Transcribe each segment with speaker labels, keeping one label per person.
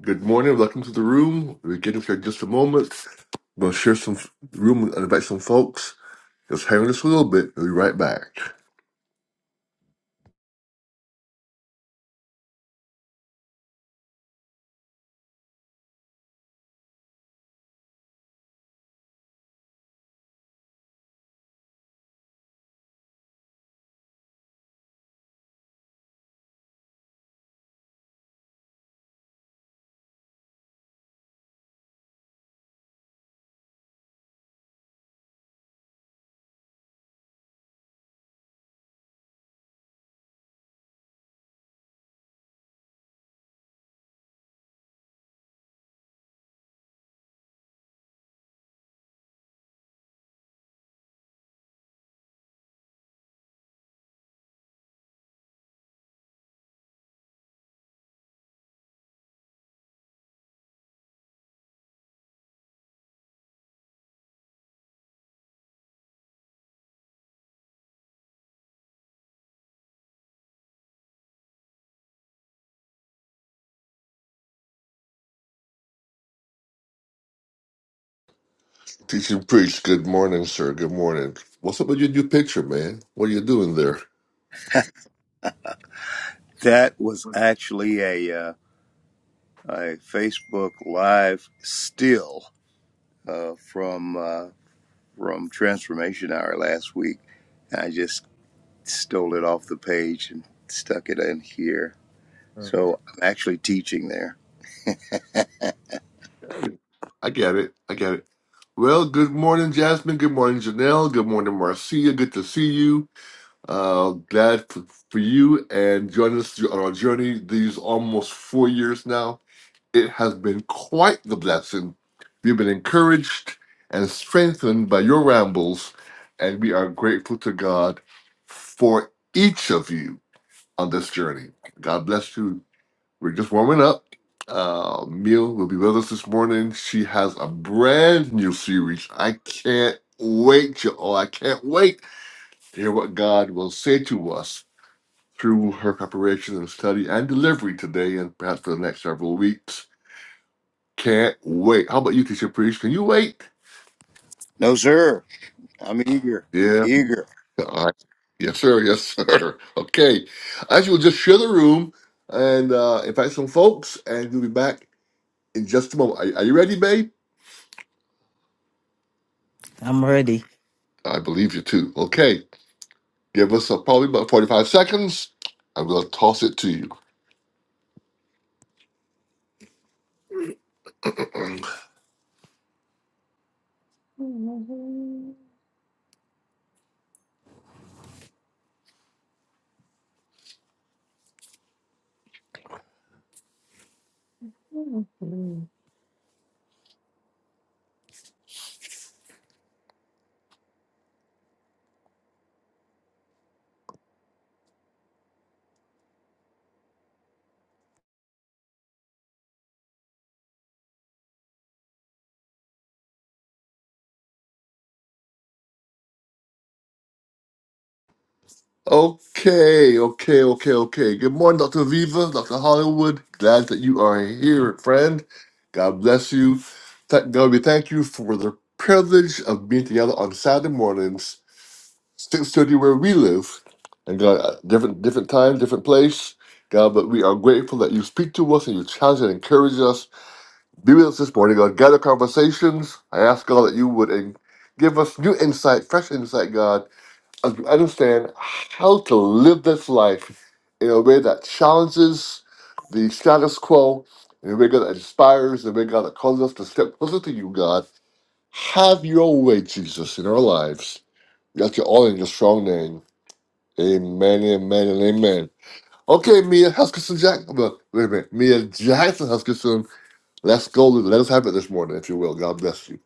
Speaker 1: Good morning. Welcome to the room. We're getting here in just a moment. We'll share some f- room and invite some folks. Just hang with us a little bit. We'll be right back. Teaching priest. Good morning, sir. Good morning. What's up with your new picture, man? What are you doing there?
Speaker 2: That was actually a uh, a Facebook live still uh, from uh, from Transformation Hour last week. I just stole it off the page and stuck it in here. So I'm actually teaching there.
Speaker 1: Hey, I get it. I get it. Well, good morning, Jasmine. Good morning, Janelle. Good morning, Marcia. Good to see you. Uh, glad for, for you and joining us on our journey these almost four years now It has been quite the blessing. We've been encouraged and strengthened by your rambles, and we are grateful to God for each of you on this journey. God bless you. We're just warming up. Uh, Miel will be with us this morning. She has a brand new series. I can't wait, y'all. I can't wait to hear what God will say to us through her preparation and study and delivery today and perhaps for the next several weeks. Can't wait. How about you, teacher priest? Can you wait?
Speaker 2: No, sir. I'm eager,
Speaker 1: Yeah.
Speaker 2: eager.
Speaker 1: All right. Yes, sir. Yes, sir. Okay. I will just share the room and uh, invite some folks, and we'll be back in just a moment. Are, are you ready, babe?
Speaker 3: I'm ready.
Speaker 1: I believe you too. Okay. Give us uh, probably about 45 seconds. I'm going to toss it to you. Okay, okay, okay, okay. Good morning, Dr. Aviva, Dr. Hollywood. Glad that you are here, friend. God bless you. Thank God we thank you for the privilege of being together on Saturday mornings, 6.30 where we live. And God, uh, different different time, different place. God, but we are grateful that you speak to us and you challenge and encourage us. Be with us this morning, God. Gather conversations. I ask God that you would eh, give us new insight, fresh insight, God, un- understand how to live this life in a way that challenges the status quo, in a way that inspires, in a way God that calls us to step closer to you, God. Have your way, Jesus, in our lives. We ask you all in your strong name. Amen, amen, and amen. Okay, Mia Huskisson Jackson. Well, Wait a minute. Mia Jackson Huskisson. Let's go. Let us have it this morning, if you will. God bless you.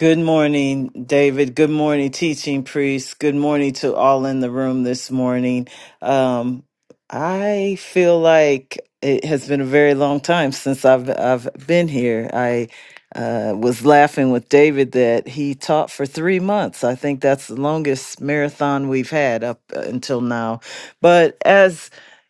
Speaker 3: Good morning, David. Good morning, teaching priest. Good morning to all in the room this morning. Um, I feel like it has been a very long time since I've I've been here. I uh, was laughing with David that he taught for three months. I think that's the longest marathon we've had up uh, until now. But as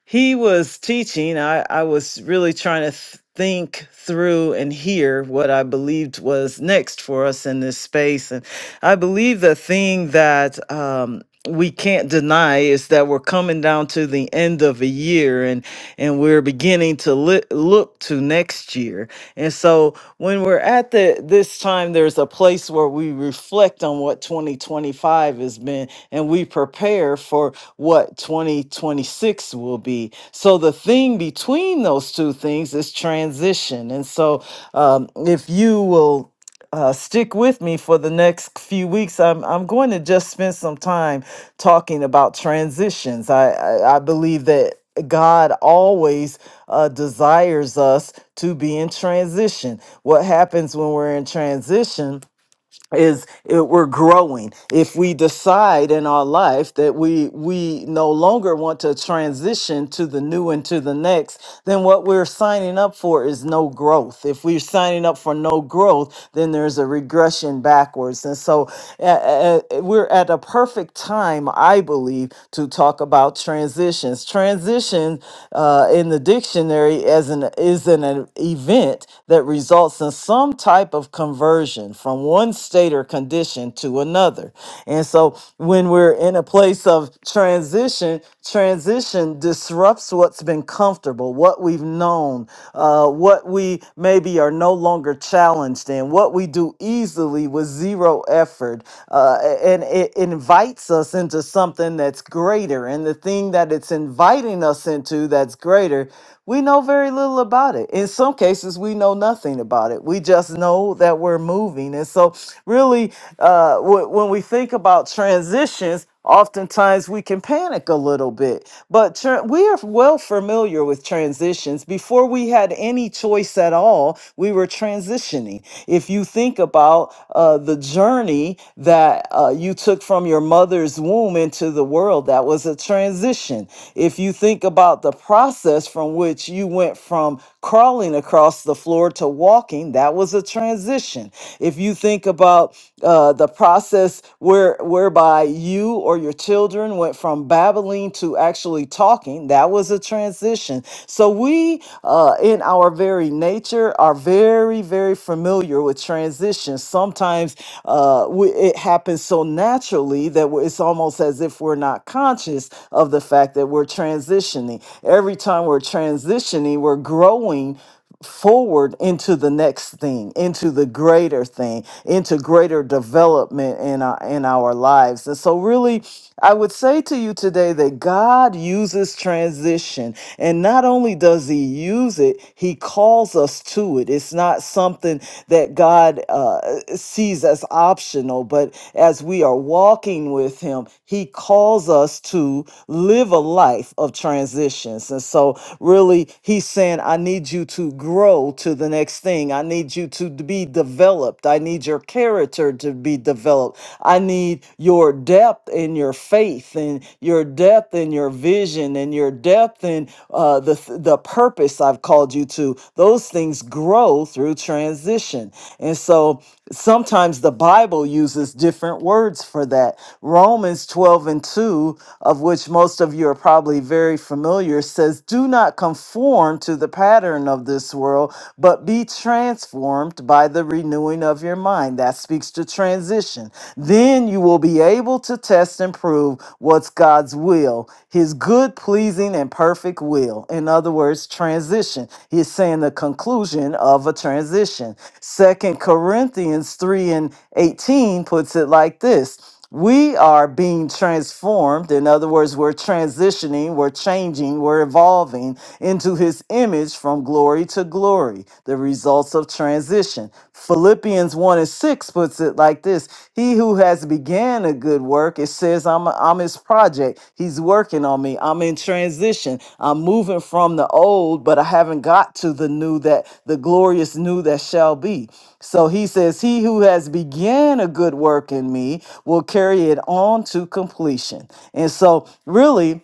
Speaker 3: he was teaching i i was really trying to th- think through and hear what i believed was next for us in this space and i believe the thing that um we can't deny is that we're coming down to the end of a year and and we're beginning to li- look to next year and so when we're at the this time, there's a place where we reflect on what 2025 has been and we prepare for what 2026 will be. So the thing between those two things is transition. And so um, if you will uh, stick with me for the next few weeks. I'm I'm going to just spend some time talking about transitions. I I, I believe that God always uh, desires us to be in transition. What happens when we're in transition? is it, we're growing if we decide in our life that we we no longer want to transition to the new and to the next then what we're signing up for is no growth if we're signing up for no growth then there's a regression backwards and so uh, uh, we're at a perfect time i believe to talk about transitions transition uh, in the dictionary as an is an event that results in some type of conversion conversion from one state or condition to another. And so when we're in a place of transition, transition disrupts what's been comfortable, what we've known, uh, what we maybe are no longer challenged in, what we do easily with zero effort. Uh, and it invites us into something that's greater. And the thing that it's inviting us into that's greater, we know very little about it. In some cases, we know nothing about it. We just us know that we're moving. And so, really, uh, wh- when we think about transitions, oftentimes we can panic a little bit. But tran- we are well familiar with transitions. Before we had any choice at all, we were transitioning. If you think about uh, the journey that uh, you took from your mother's womb into the world, that was a transition. If you think about the process from which you went from crawling across the floor to walking, that was a transition. If you think about uh, the process where whereby you or your children went from babbling to actually talking, that was a transition. So we, uh, in our very nature, are very, very familiar with transitions. Sometimes uh, we, it happens so naturally that we- it's almost as if we're not conscious of the fact that we're transitioning. Every time we're transitioning, functioning, we're growing forward into the next thing, into the greater thing, into greater development in our in our lives. And so really I would say to you today that God uses transition. And not only does he use it, he calls us to it. It's not something that God uh, sees as optional, but as we are walking with him, he calls us to live a life of transitions. And so Really, he's saying, I need you to grow to the next thing. I need you to be developed. I need your character to be developed. I need your depth in your faith and your depth in your vision and your depth in uh, the, th- the purpose I've called you to. Those things grow through transition. And so sometimes the Bible uses different words for that. Romans 12 and 2, of which most of you are probably very familiar which says, Do not conform to the pattern of this world, but be transformed by the renewing of your mind. That speaks to transition. Then you will be able to test and prove what's God's will, his good, pleasing, and perfect will. In other words, transition. He's saying the conclusion of a transition. Second Corinthians 3 and 18 puts it like this we are being transformed. In other words, we're transitioning, we're changing, we're evolving into his image from glory to glory, the results of transition. Philippians 1 and 6 puts it like this He who has began a good work, it says, I'm, I'm his project. He's working on me. I'm in transition. I'm moving from the old, but I haven't got to the new that the glorious new that shall be. So he says, He who has began a good work in me will carry it on to completion. And so, really,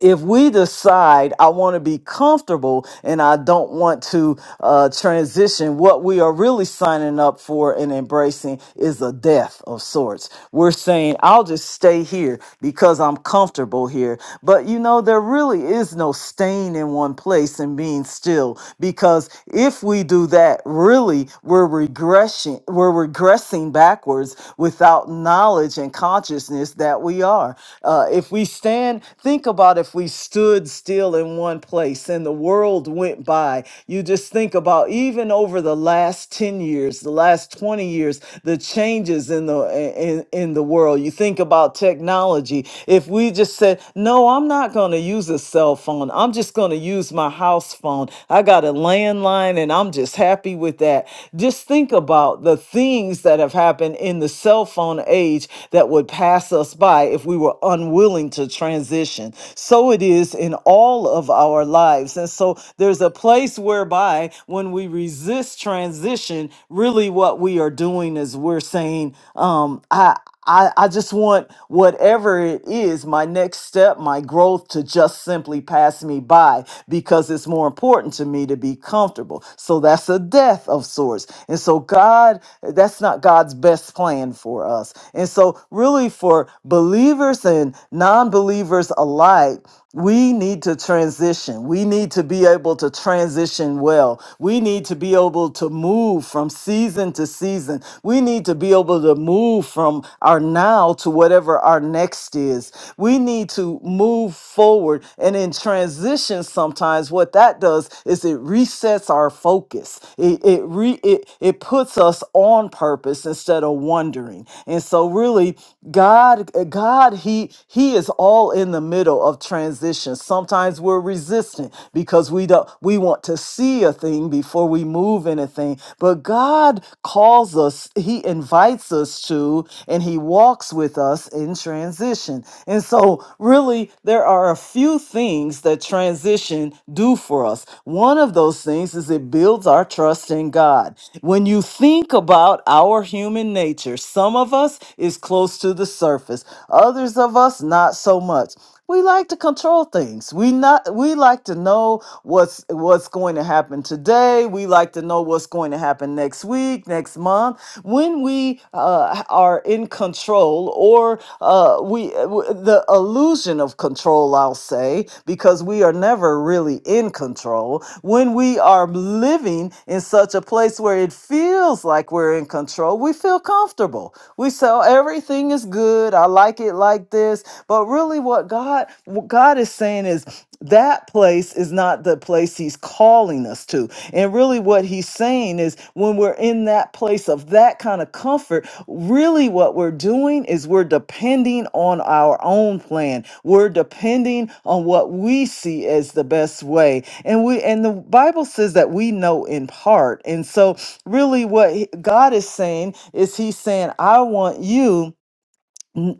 Speaker 3: if we decide I want to be comfortable and I don't want to uh, transition, what we are really signing up for and embracing is a death of sorts. We're saying, I'll just stay here because I'm comfortable here. But you know, there really is no staying in one place and being still because if we do that, really, we're regressing, we're regressing backwards without knowledge knowledge and consciousness that we are. Uh, if we stand, think about if we stood still in one place and the world went by. You just think about even over the last 10 years, the last 20 years, the changes in the in, in the world. You think about technology. If we just said, no, I'm not going to use a cell phone. I'm just going to use my house phone. I got a landline and I'm just happy with that just think about the things that have happened in the cell phone age that would pass us by if we were unwilling to transition. So it is in all of our lives. And so there's a place whereby when we resist transition, really what we are doing is we're saying, um, I, I, I just want whatever it is, my next step, my growth to just simply pass me by because it's more important to me to be comfortable. So that's a death of sorts. And so, God, that's not God's best plan for us. And so, really, for believers and non believers alike, we need to transition. We need to be able to transition well. We need to be able to move from season to season. We need to be able to move from our now to whatever our next is. We need to move forward. And in transition, sometimes what that does is it resets our focus. It it re, it, it puts us on on purpose instead of wondering. And so really God God he he is all in the middle of transition. Sometimes we're resistant because we don't we want to see a thing before we move anything. But God calls us, he invites us to and he walks with us in transition. And so really there are a few things things that transition do for us. One of those things is it builds our trust in God. When you think about our human nature, some of us is close to the surface, others of us not so much. We like to control things. We not we like to know what's what's going to happen today. We like to know what's going to happen next week, next month. When we uh, are in control, or uh, we uh, w- the illusion of control, I'll say, because we are never really in control. When we are living in such a place where it feels like we're in control, we feel comfortable. We say "Oh, everything is good. I like it like this. But really, what God what God is saying is that place is not the place he's calling us to. And really, what he's saying is when we're in that place of that kind of comfort, really what we're doing is we're depending on our own plan. We're depending on what we see as the best way. And we and the Bible says that we know in part. And so really what he- God is saying is he's saying, I want you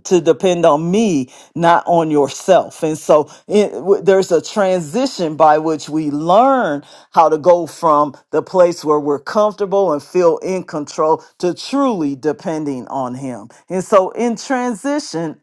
Speaker 3: to depend on me, not on yourself. And so it, w- there's a transition by which we learn how to go from the place where we're comfortable and feel in control to truly depending on Him. And so in transition,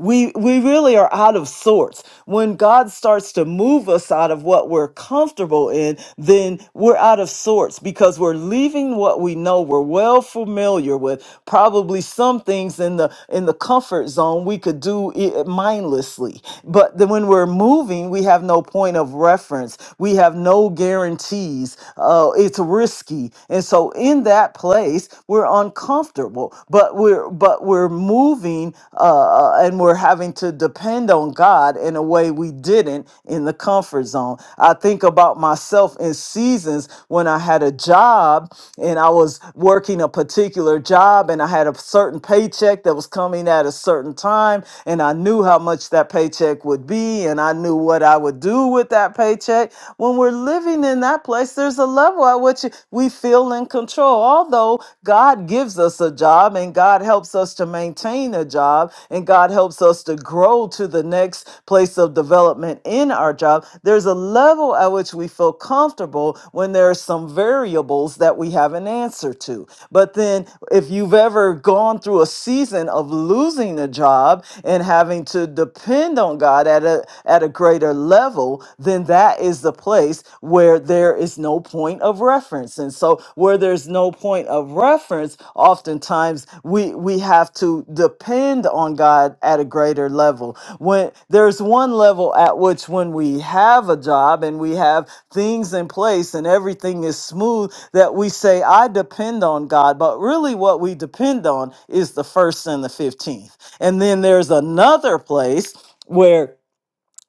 Speaker 3: we we really are out of sorts. When God starts to move us out of what we're comfortable in, then we're out of sorts because we're leaving what we know we're well familiar with. Probably some things in the in the comfort zone we could do it mindlessly. But then when we're moving, we have no point of reference. We have no guarantees. Uh, it's risky. And so in that place, we're uncomfortable but we're but we're moving uh, uh, and we're having to depend on God in a way we didn't in the comfort zone. I think about myself in seasons when I had a job and I was working a particular job and I had a certain paycheck that was coming at a certain time and I knew how much that paycheck would be and I knew what I would do with that paycheck. When we're living in that place, there's a level at which we feel feel in control. Although God gives us a job and God helps us to maintain a job and God helps us to grow to the next place of development in our job, there's a level at which we feel comfortable when there are some variables that we have an answer to. But then, if you've ever gone through a season of losing a job and having to depend on God at a, at a greater level, then that is the place place where there is no point of reference. And so where there's no point of reference, oftentimes we we have to depend on God at a greater level. When there's one level at which when we have a job and we have things in place and everything is smooth that we say I depend on God, but really what we depend on is the first and the 15th. And then there's another place where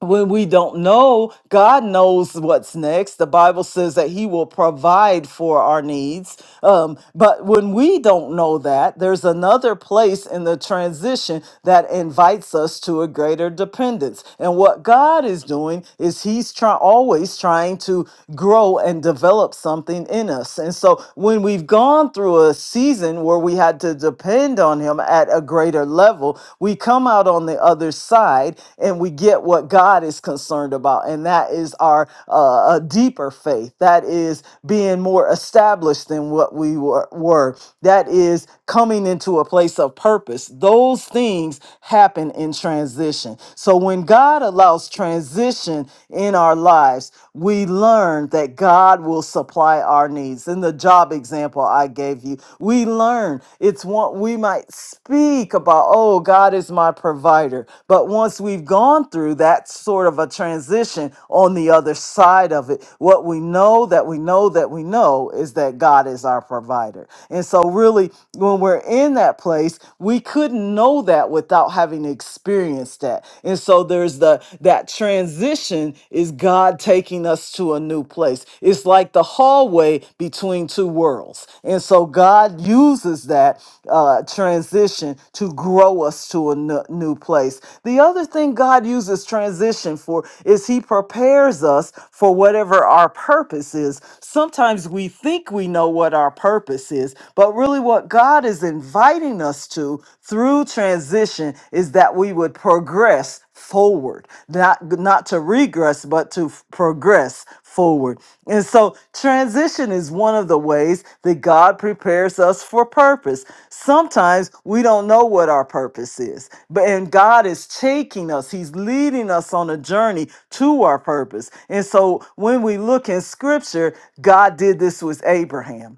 Speaker 3: when we don't know, God knows what's next. The Bible says that He will provide for our needs. Um, but when we don't know that, there's another place in the transition that invites us to a greater dependence. And what God is doing is He's try- always trying to grow and develop something in us. And so when we've gone through a season where we had to depend on Him at a greater level, we come out on the other side and we get what God is concerned about. And that is our uh, a deeper faith. That is being more established than what we were, were. That is coming into a place of purpose. Those things happen in transition. So when God allows transition in our lives, we learn that God will supply our needs colleagues in the job example I gave you. We learn. It's what we might speak about, oh, God is my provider. But once we've gone through that sort of a transition on the other side of it, what we know that we know that we know is that God is our provider. And so, really, when we're in that place, we couldn't know that without having experienced that. And so, there's the that transition transition is God taking us to a new place. It's like the hallway between two worlds. And so God uses that uh, transition to grow us to a n- new place. The other thing God uses transition for is He prepares us for whatever our purpose is. Sometimes we think we know what our purpose is, but really what God is inviting us to through transition is that we would progress forward, not not to regress, but to f- progress forward. And so transition is one of the ways that God prepares us for purpose. Sometimes we don't know what our purpose is, but and God is taking us, He's leading us on a journey to our purpose. And so when we look in scripture, God did this with Abraham.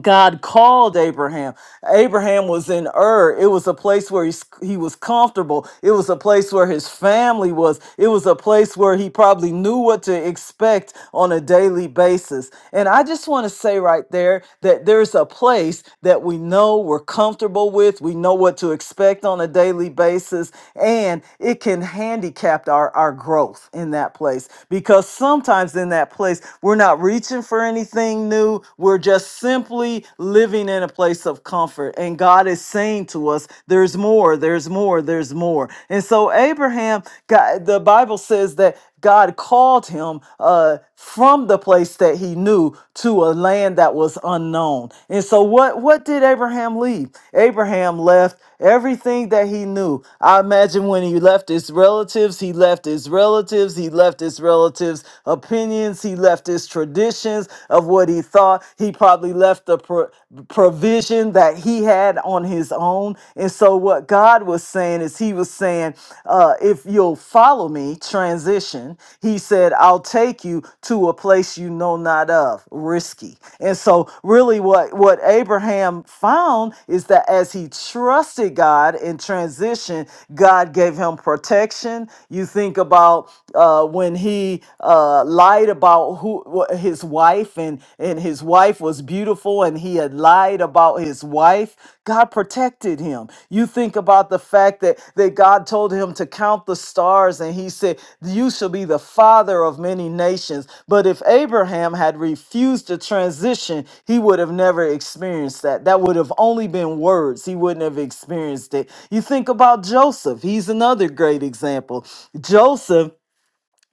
Speaker 3: God called Abraham. Abraham was in Ur. It was a place where he, s- he was comfortable. It was a place where his family was. It was a place where he probably knew what to expect on a daily basis. And I just want to say right there that there's a place that we know we're comfortable with. We know what to expect on a daily basis. And it can handicap our, our growth in that place because sometimes in that place, we're not reaching for anything nothing new. We're just simply living in a place of comfort. And God is saying to us, there's more, there's more, there's more. And so Abraham, God, the Bible says that God called him uh, from the place that he knew to a land that was unknown. And so what, what did Abraham leave? Abraham left everything that he knew. I imagine when he left his relatives, he left his relatives, he left his relatives' opinions, he left his his traditions of what he thought. He probably left the pro- provision that he had on his own. And so, what God was saying is, He was saying, uh, If you'll follow me, transition, He said, I'll take you to a place you know not of, risky. And so, really, what, what Abraham found is that as he trusted God in transition, God gave him protection. You think about uh, when he uh, lied about who wha- his wife and and his wife was beautiful and he had lied about his wife god protected him you think about the fact that that god told him to count the stars and he said you shall be the father of many nations but if abraham had refused to transition he would have never experienced that that would have only been words he wouldn't have experienced it you think about joseph he's another great example joseph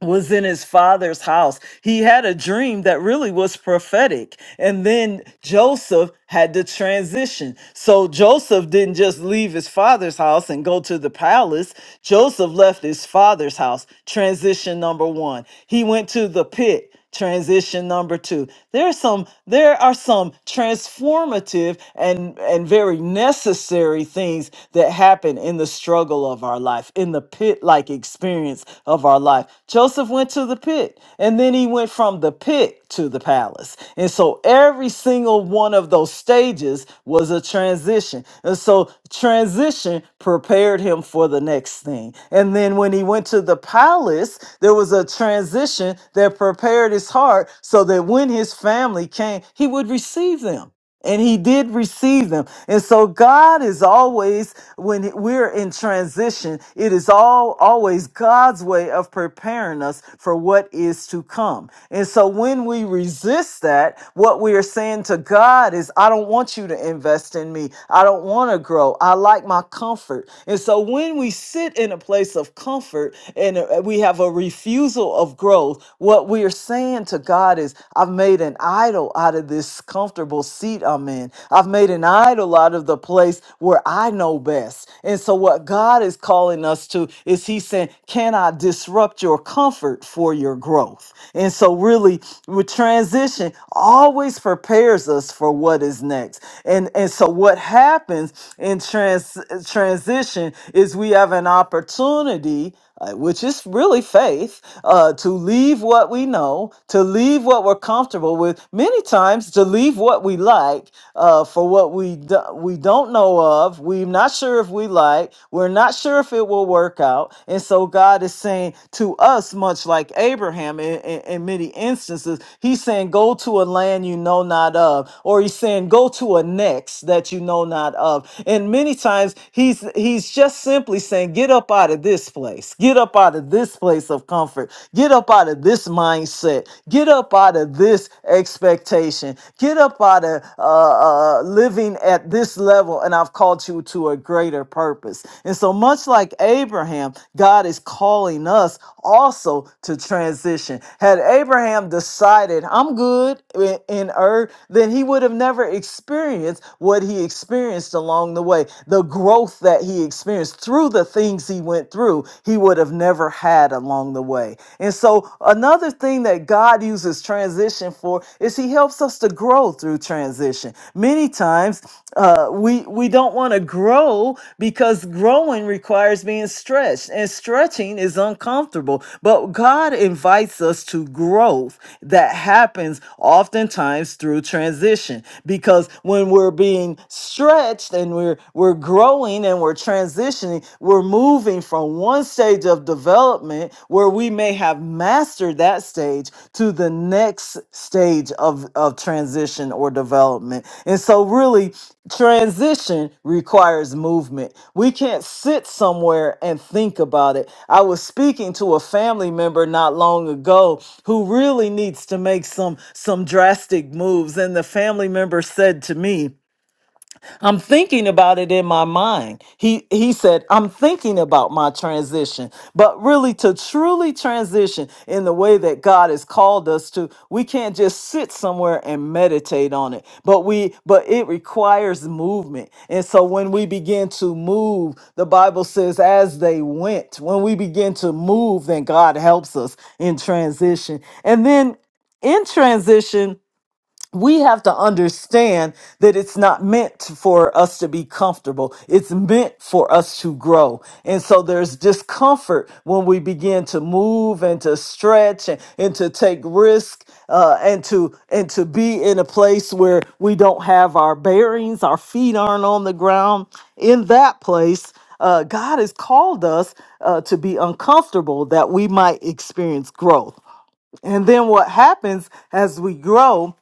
Speaker 3: was in his father's house. He had a dream that really was prophetic. And then Joseph had to transition. So Joseph didn't just leave his father's house and go to the palace. Joseph left his father's house. Transition number one. He went to the pit it. Transition number two. There are some there are some transformative and, and very necessary things that happen in the struggle of our life, in the pit-like experience of our life. Joseph went to the pit, and then he went from the pit to the palace. And so every single one of those stages was a transition. And so transition prepared him for the next thing. And then when he went to the palace, there was a transition that prepared his heart so that when his family came, he would receive them and he did receive them. And so God is always when we're in transition, it is all always God's way of preparing us for what is to come. And so when we resist that, what we are saying to God is I don't want you to invest in me. I don't want to grow. I like my comfort. And so when we sit in a place of comfort and uh, we have a refusal of growth, what we are saying to God is I've made an an idol out of this comfortable seat I'm in. I've made an idol out of the place where I know best. And so, what God is calling us to is He's saying, Can I disrupt your comfort for your growth? And so, really, with transition always prepares us for what is next. And, and so, what happens in trans, transition is we have an opportunity uh, which is really faith, uh, to leave what we know, to leave what we're comfortable with, many times to leave what we like uh, for what we do- we don't know of, we're not sure if we like, we're not sure if it will work out, and so God is saying to us, much like Abraham in, in, in many instances, He's saying, "Go to a land you know not of," or He's saying, "Go to a next that you know not of," and many times He's He's just simply saying saying? Get up out of this place. Get up out of this place of comfort. Get up out of this mindset. Get up out of this expectation. Get up out of uh, uh, living at this level, and I've called you to a greater purpose. And so, much like Abraham, God is calling us also to transition. Had Abraham decided, I'm good in, in Ur, then he would have never experienced what he experienced along the way, the growth that growth that he experienced through the things he went through, he would have never had along the way. And so, another thing that God uses transition for is he helps us to grow through transition. Many times, uh, we, we don't want to grow because growing requires being stretched, and stretching is uncomfortable. But God invites us to growth that happens oftentimes through transition because when we're being stretched, and we're we're growing and we're transitioning we're moving from one stage of development where we may have mastered that stage to the next stage of of transition or development and so really transition requires movement we can't sit somewhere and think about it i was speaking to a family member not long ago who really needs to make some some drastic moves and the family member said to me I'm thinking about it in my mind. He he said, I'm thinking about my transition. But really to truly transition in the way that God has called us to, we can't just sit somewhere and meditate on it. But we but it requires movement. And so when we begin to move, the Bible says as they went, when we begin to move, then God helps us in transition. And then in transition, we have to understand that it's not meant for us to be comfortable. It's meant for us to grow. And so there's discomfort when we begin to move and to stretch and, and to take risk uh, and to and to be in a place where we don't have our bearings, our feet aren't on the ground. In that place, uh, God has called us uh, to be uncomfortable that we might experience growth. And then what happens as we grow?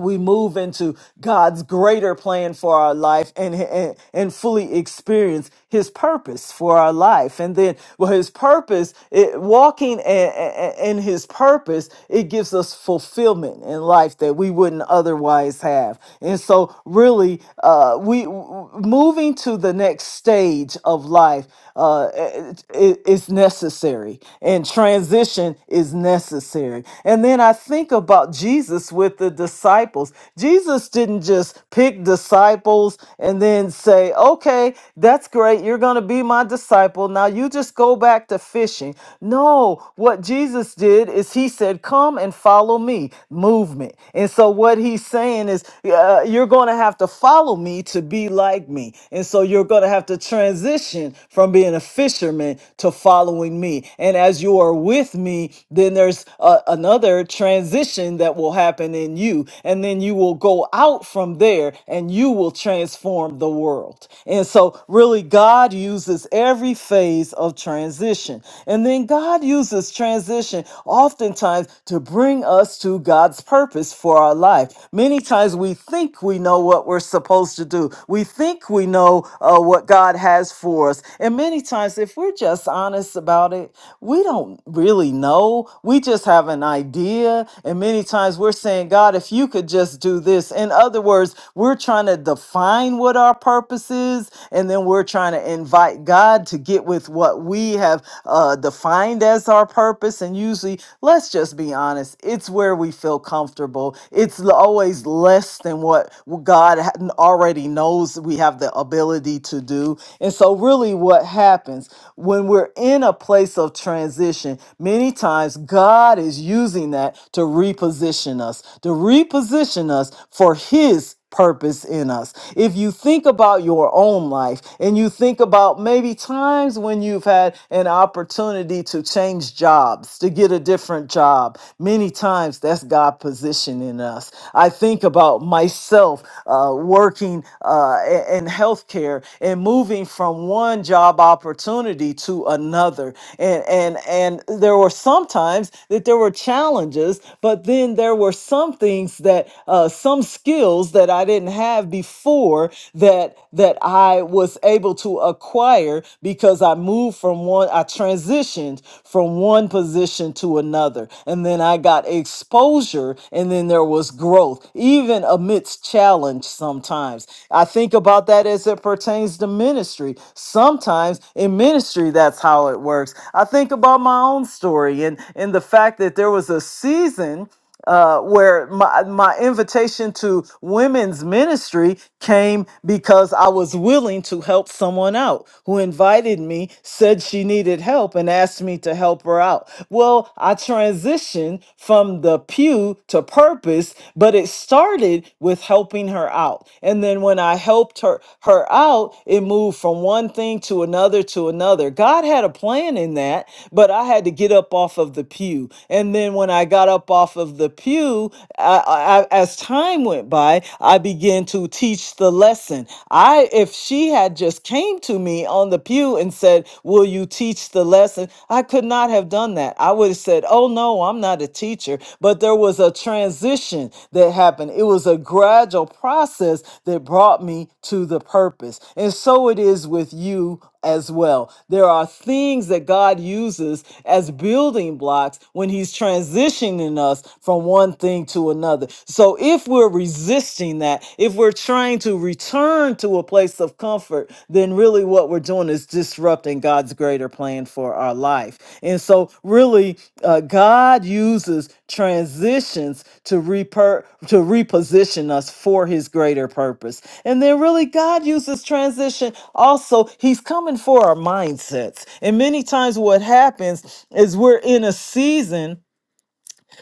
Speaker 3: we move into God's greater plan for our life and, and and fully experience his purpose for our life and then well his purpose it, walking a- a- a- in his purpose it gives us fulfillment in life that we wouldn't otherwise have and so really uh we w- moving to the next stage of life uh it, it- it's necessary and transition is necessary and then I think about Jesus with the disciples disciples. Jesus didn't just pick disciples and then say, okay, that's great. You're going to be my disciple. Now you just go back to fishing. No, what Jesus did is he said, come and follow me, movement. And so what he's saying is, uh, you're going to have to follow me to be like me. And so you're going to have to transition from being a fisherman to following me. And as you are with me, then there's a, another transition that will happen in in you. And then you will go out from there and you will transform the world. And so, really, God uses every phase of transition. And then God uses transition oftentimes to bring us to God's purpose for our life. Many times we think we know what we're supposed to do, we think we know uh, what God has for us. And many times, if we're just honest about it, we don't really know. We just have an idea. And many times we're saying, God, if you could just do this. In other words, we're trying to define what our purpose is, and then we're trying to invite God to get with what we have uh, defined as our purpose. And usually, let's just be honest, it's where we feel comfortable. It's l- always less than what God ha- already knows we have the ability to do. And so, really, what happens when we're in a place of transition, many times God is using that to reposition reposition us, to reposition us for His purpose in us. If you think about your own life and you think about maybe times when you've had an opportunity to change jobs, to get a different job, many times that's God positioning us. I think about myself uh, working uh, i- in healthcare and moving from one job opportunity to another. And, and, and there were sometimes that there were challenges, but but then there were some things that uh, some skills that I didn't have before that that I was able to acquire because I moved from one I transitioned from one position to another and then I got exposure and then there was growth even amidst challenge sometimes. I think about that as it pertains to ministry. Sometimes in ministry that's how it works. I think about my own story and and the fact that there was a season season uh, where my, my invitation to women's ministry came because I was willing to help someone out who invited me, said she needed help, and asked me to help her out. Well, I transitioned from the pew to purpose, but it started with helping her out. And then when I helped her, her out, it moved from one thing to another to another. God had a plan in that, but I had to get up off of the pew. And then when I got got up off of the pew, I, I, as time went by, I began to teach the lesson. I, if she had just came to me on the pew and said, "Will you teach the lesson?" I could not have done that. I would have said, "Oh no, I'm not a teacher." But there was a transition that happened. It was a gradual process that brought me to the purpose, and so it is with you as well. There are things that God uses as building blocks when He's transitioning us from one thing to another. So if we're resisting that, if we're trying to return to a place of comfort, then really what we're doing is disrupting God's greater plan for our lives life. And so, really, uh, God uses transitions to reper- to reposition us for His greater purpose. And then, really, God uses transition also. He's coming for our mindsets. And many times, what happens is we're in a season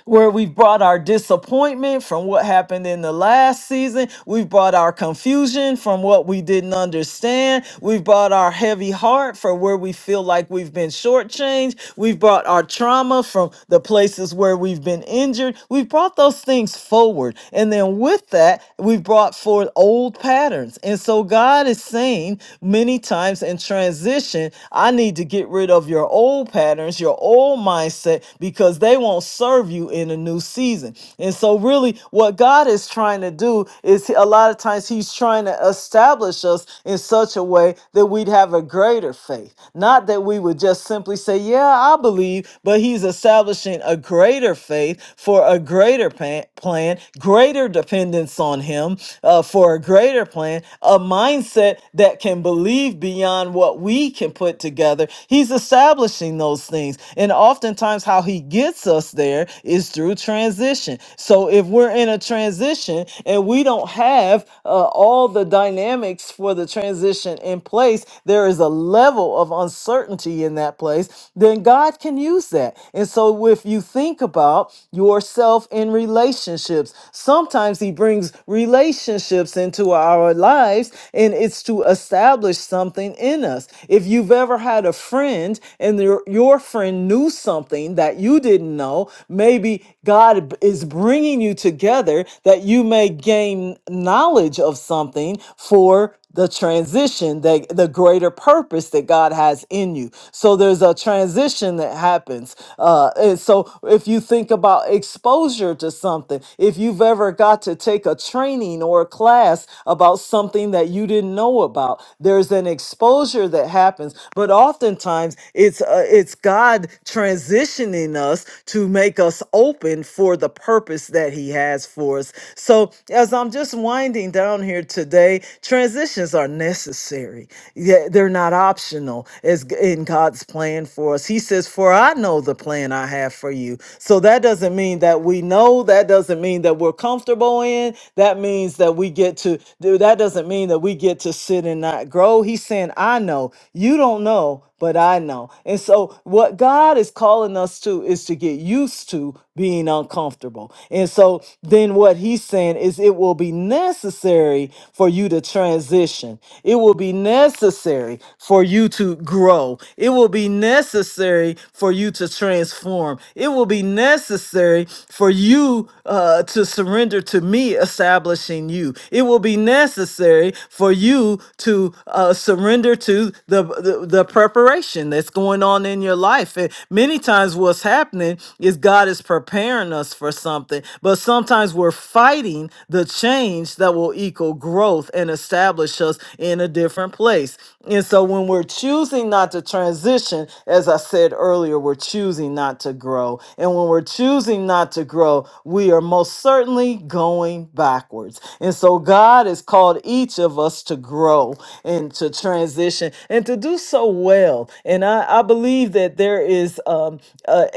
Speaker 3: where we've brought our disappointment from what happened in the last season. We've brought our confusion from what we didn't understand. We've brought our heavy heart for where we feel like we've been shortchanged. We've brought our trauma from the places where we've been injured. We've brought those things forward. And then with that, we've brought forth old patterns. And so God is saying many times in transition, I need to get rid of your old patterns patterns, your old mindset, because they won't serve you in a new season. And so, really, what God is trying to do is a lot of times He's trying to establish us in such a way that we'd have a greater faith. Not that we would just simply say, Yeah, I believe, but He's establishing a greater faith for a greater pa- plan, greater dependence on Him uh, for a greater plan, a mindset that can believe beyond what than what we can put together. He's establishing those things. And oftentimes, how he gets us there is through transition. So if we're in a transition and we don't have uh, all the dynamics for the transition in place, there is a level of uncertainty in that place, then God can use that. And so if you think about yourself in relationships, sometimes he brings relationships into our our lives, and it's to establish something in us. If you've ever had a friend and your, your friend knew something that you didn't know, maybe God b- is bringing you together that you may gain knowledge of something for the transition that the greater purpose that God has in you. So there's a transition that happens. Uh, and so if you think about exposure to something, if you've ever got to take a training or a class about something that you didn't know about, there's an exposure that happens. But oftentimes it's uh, it's God transitioning us to make us open for the purpose that He has for us. So as I'm just winding down here today today, transitions are necessary. Yeah, they're not optional as g- in God's plan for us. He says, For I know the plan I have for you. So that doesn't mean that we know, that doesn't mean that we're comfortable in. That means that we get to do that doesn't mean that we get to sit and not grow. He's saying, I know. You don't know but I know. And so, what God is calling us to is to get used to being uncomfortable. And so, then what He's saying is it will be necessary for you to transition, it will be necessary for you to grow, it will be necessary for you to transform, it will be necessary for you uh, to surrender to me establishing you you. It will be necessary for you to uh, surrender to the, the the preparation that's going on in your life. And many times, what's happening is God is preparing us for something, but sometimes we're fighting the change that will equal growth and establish us in a different place. And so, when we're choosing not to transition, as I said earlier, we're choosing not not to grow. And when we're choosing not to grow, we are most certainly going backwards. And so God has called each of us to grow and to transition and to do so well. And I, I believe that there is um, a,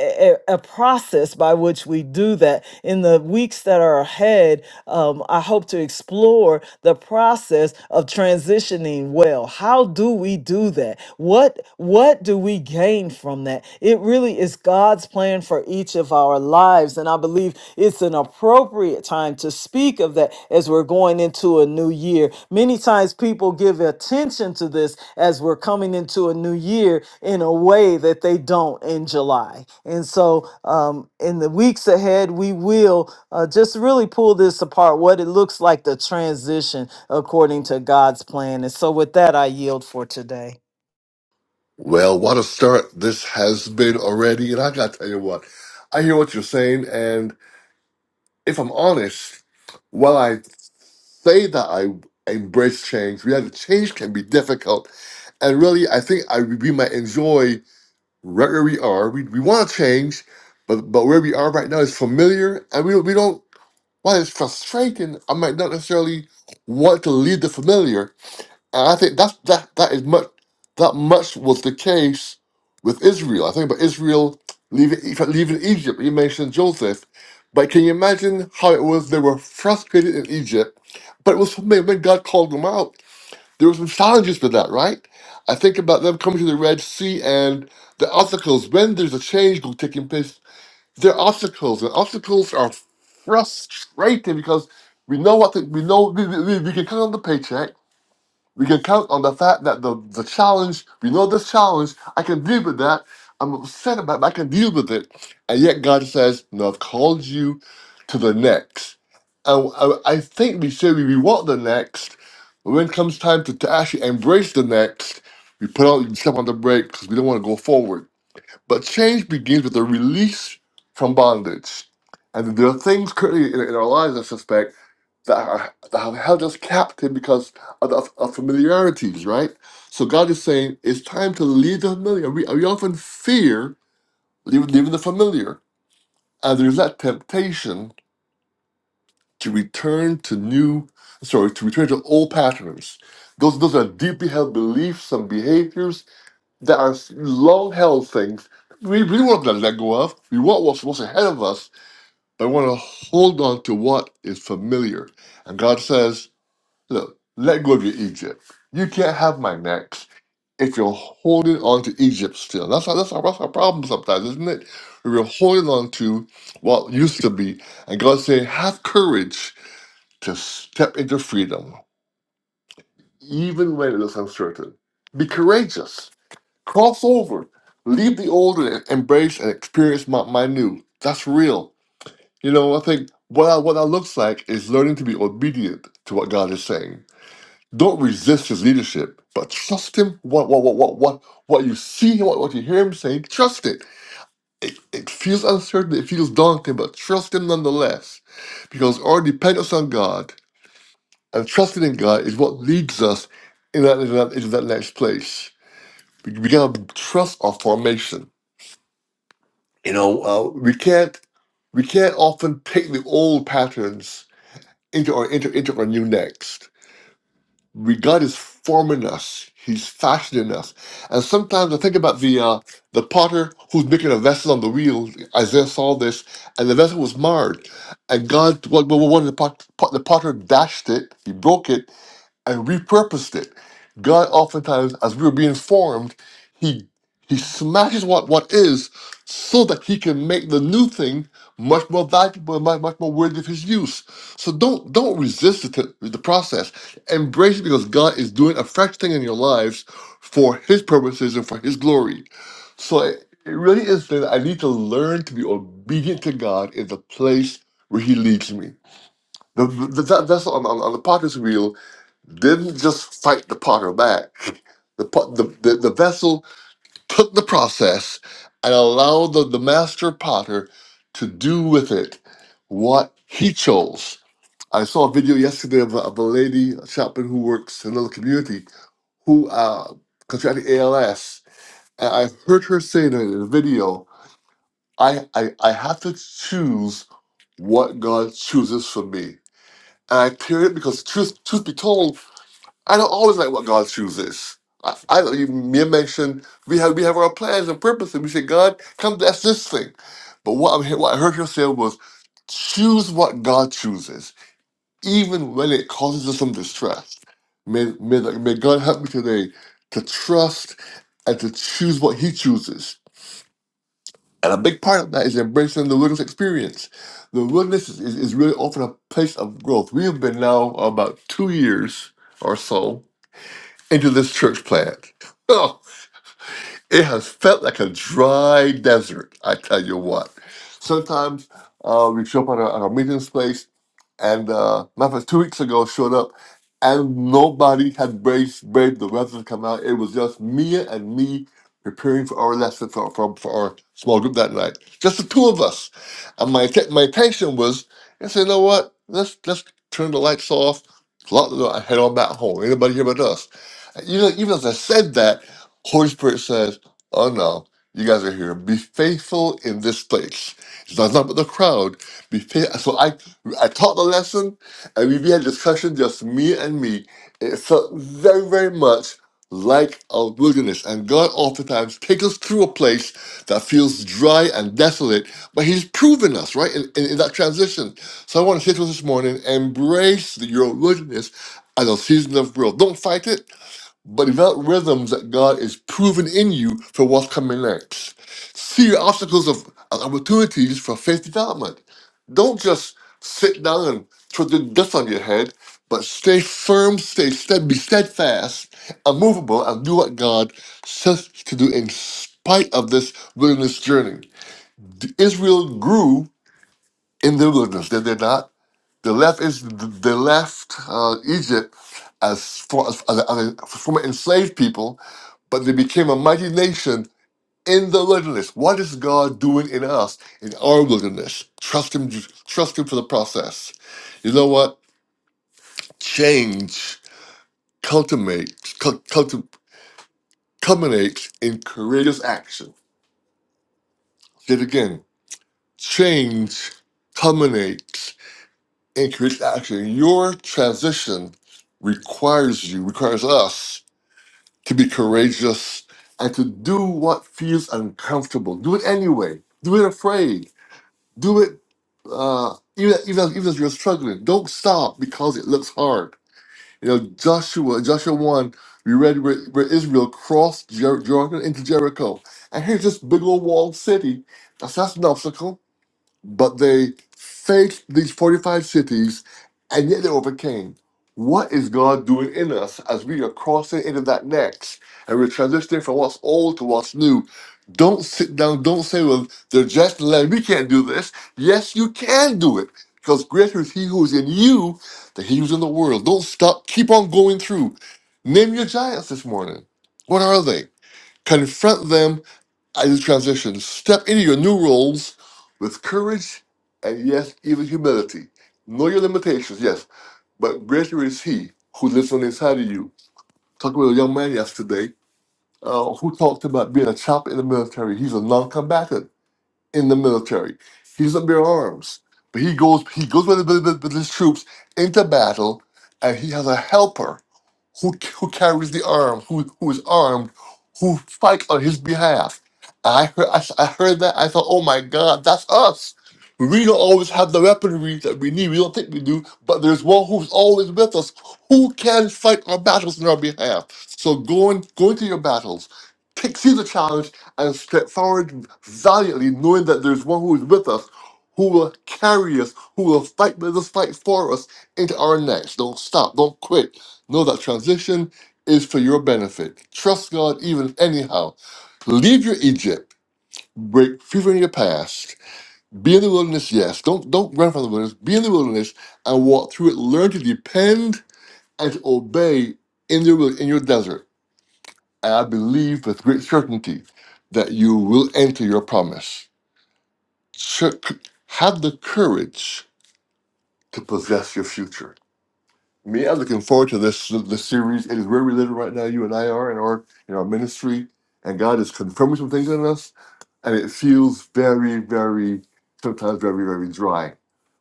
Speaker 3: a, a process by which we do that. In the weeks that are ahead, um, I hope to explore the process of transitioning living well. How do we do that? What what do we gain from that? It really is God's plan for each of our lives and I believe it's an appropriate time to speak of that as we're going into a new year. Many times people give attention to this as we're coming into a new year in a way that they don't in July. And so um in the weeks ahead we will uh, just really pull this apart, what it looks like the transition according to God's plan. And so, with that, I yield for today.
Speaker 1: Well, what a start this has been already. And I got to tell you what, I hear what you're saying. and. if I'm honest, while I say that I embrace change, reality change can be difficult. And really, I think I we might enjoy right where we are. We, we want to change, but but where we are right now is familiar, and we don't- we don't. While it's frustrating, I might not necessarily want to leave the familiar. And I think that's that that is much that much was the case with Israel. I think about Israel leaving in fact, leaving Egypt. You mentioned Joseph, but can you imagine how it was? They were frustrated in Egypt, but it was something when God called them out. There were some challenges to that, right? I think about them coming to the Red Sea and the obstacles. When there's a change go- taking place, there are obstacles, and obstacles are frustrating because we know what the, we know. We, we, we we can count on the paycheck we can count on the fact that the, the challenge, we know this challenge, I can deal with that. I'm upset about it, but I can deal with it. And yet God says, No, I've called you to the next. And I, I think we say we want the next. but When it comes time to, to actually embrace the next, we put out we step on the brake because we don't want to go forward. But change begins with a release from bondage. And there are things currently in, in our lives, I suspect, that are that have held us captive because of, of, of familiarities, right? So God is saying it's time to leave the familiar. We, we often fear leaving, leaving the familiar, and there's that temptation to return to new, sorry, to return to old patterns. Those those are deeply held beliefs and behaviors that are long held things. We really want to let go of. We want what's, what's ahead of us, but we want to hold on to what is familiar. And God says, Look, let go of your Egypt. You can't have my next if you're holding on to Egypt still. That's how, that's our, that's our problem sometimes, isn't it? We're holding on to what used to be, and God saying, have courage to step into freedom, even when it looks uncertain. Be courageous. Cross over. Leave the old and embrace and experience my, my new. That's real. You know, I think what that, what that looks like is learning to be obedient to what God is saying Don't resist his leadership, but trust him. What what what what what what you see, him, what, what you hear him saying, trust it. it. It feels uncertain, it feels daunting, but trust him nonetheless. Because our dependence on God and trusting in God is what leads us in that, in that, into that next place. We, we gotta trust our formation. You know, uh, we can't we can't often take the old patterns into our into, into our new next. we God is forming us. He's fashioning us. And sometimes I think about the uh, the potter who's making a vessel on the wheel. Isaiah saw this, and the vessel was marred. And God, well, well, one of the, pot, pot, the potter dashed it. He broke it, and repurposed it. God oftentimes, as we are being formed, he he smashes what what is so that he can make the new thing much more valuable and much, much more worthy of his use. So don't don't resist the, t- the process. Embrace it because God is doing a fresh thing in your lives for his purposes and for his glory. So it, it really is that I need to learn to be obedient to God in the place where he leads me. The, the, that, that's on, on, on the potter's wheel didn't just fight the potter back. The, pot- the, the, the vessel took the process and allowed the, the master potter to do with it what he chose. I saw a video yesterday of a, of a lady, a chaplain who works in another community, who uh, contracted ALS. And I heard her saying in the video, I, I, I have to choose what God chooses for me. And I hear it because truth, truth be told, I don't always like what God chooses. I, I don't even mere mention we have we have our plans and purposes. We say, God, come bless this thing. But what I'm he- what I heard her say was choose what God chooses, even when it causes us some distress. May may, the- may God help me today to trust and to choose what He chooses. And a big part of that is embracing the wilderness experience. The wilderness is, is, is really often a place of growth. We have been now about two years or so into this church plant. Oh, it has felt like a dry desert, I tell you what. Sometimes uh, we show up at our, at our meeting space and uh, matter of fact, two weeks ago showed up, and nobody had braved, braved the weather to come out. It was just Mia and me preparing for our lesson for, for, for our small group that night. Just the two of us. And my te- my intention was, I said, you know what? Let's let's turn the lights off, lock the door, and head on back home. Anybody here but us? And even even as I said that, Holy Spirit says, "Oh no." You guys are here. Be faithful in this place. It's not about the crowd. Be faithful. So I I taught the lesson, and we had discussion, just me and me. It felt very, very much like a wilderness. And God oftentimes takes us through a place that feels dry and desolate, but He's proven us, right, in, in, in that transition. So I want to say to us this morning embrace your wilderness as a season of growth. Don't fight it but develop rhythms that God is proving in you for what's coming next. See your obstacles of as opportunities for faith development. Don't just sit down and throw the dust on your head, but stay firm, stay steady, be steadfast, unmovable, and do what God says to do in spite of this wilderness journey. The Israel grew in the wilderness, did they not? The left is the left uh, Egypt as, for, as, as, as former enslaved people, but they became a mighty nation in the wilderness. What is God doing in us in our wilderness? Trust Him. Trust Him for the process. You know what? Change cultivates cul- culti- culminates in courageous action. Say it again. Change culminates in courageous action. Your transition requires you, requires us to be courageous and to do what feels uncomfortable. Do it anyway. Do it afraid. Do it uh, even even even if you're struggling. Don't stop because it looks hard. You know, Joshua, Joshua one, we read where, where Israel crossed Jer- Jordan into Jericho, and here's this big old walled city. That's that's an obstacle but they faced these 45 cities and yet they overcame. What is God doing in us as we are crossing into that next and we're transitioning from what's old to what's new? Don't sit down, don't say, well, they're just land, we can't do this. Yes, you can do it because greater is He who is in you than He who's in the world. Don't stop, keep on going through. Name your giants this morning. What are they? Confront them I do transitions. Step into your new roles with courage and yes, even humility. Know your limitations, yes, but greater is He who lives on the inside of you. Talking with a young man yesterday uh, who talked about being a chap in the military. He's a non-combatant in the military. He doesn't bear arms, but he goes he goes with, with, with his troops into battle, and he has a helper who who carries the arm, who who is armed, who fight on his behalf. I heard I I heard that I thought, oh my God, that's us. We don't always have the weaponry that we need. We don't think we do, but there's one who's always with us, who can fight our battles on our behalf. So go and go into your battles, take, see the challenge, and step forward valiantly, knowing that there's one who is with us, who will carry us, who will fight with us, fight for us into our next. Don't stop. Don't quit. Know that transition is for your benefit. Trust God even anyhow. Leave your Egypt. Break free from your past. Be in the wilderness, yes. Don't don't run from the wilderness. Be in the wilderness and walk through it. Learn to depend and to obey in your wil- in your desert. And I believe with great certainty that you will enter your promise. Ch- Have the courage to possess your future Me, I'm looking forward to this this series. It is where we live right now. You and I are in our in our ministry, and God is confirming some things in us, and it feels very, very sometimes very, very dry.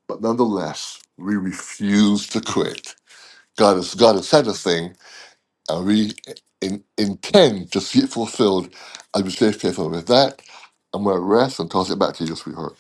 Speaker 1: But nonetheless, we refuse to quit. God has God has said a thing, and we in, intend to see it fulfilled as we stay faithful. With that, I'm going to rest and toss it back to you, sweetheart.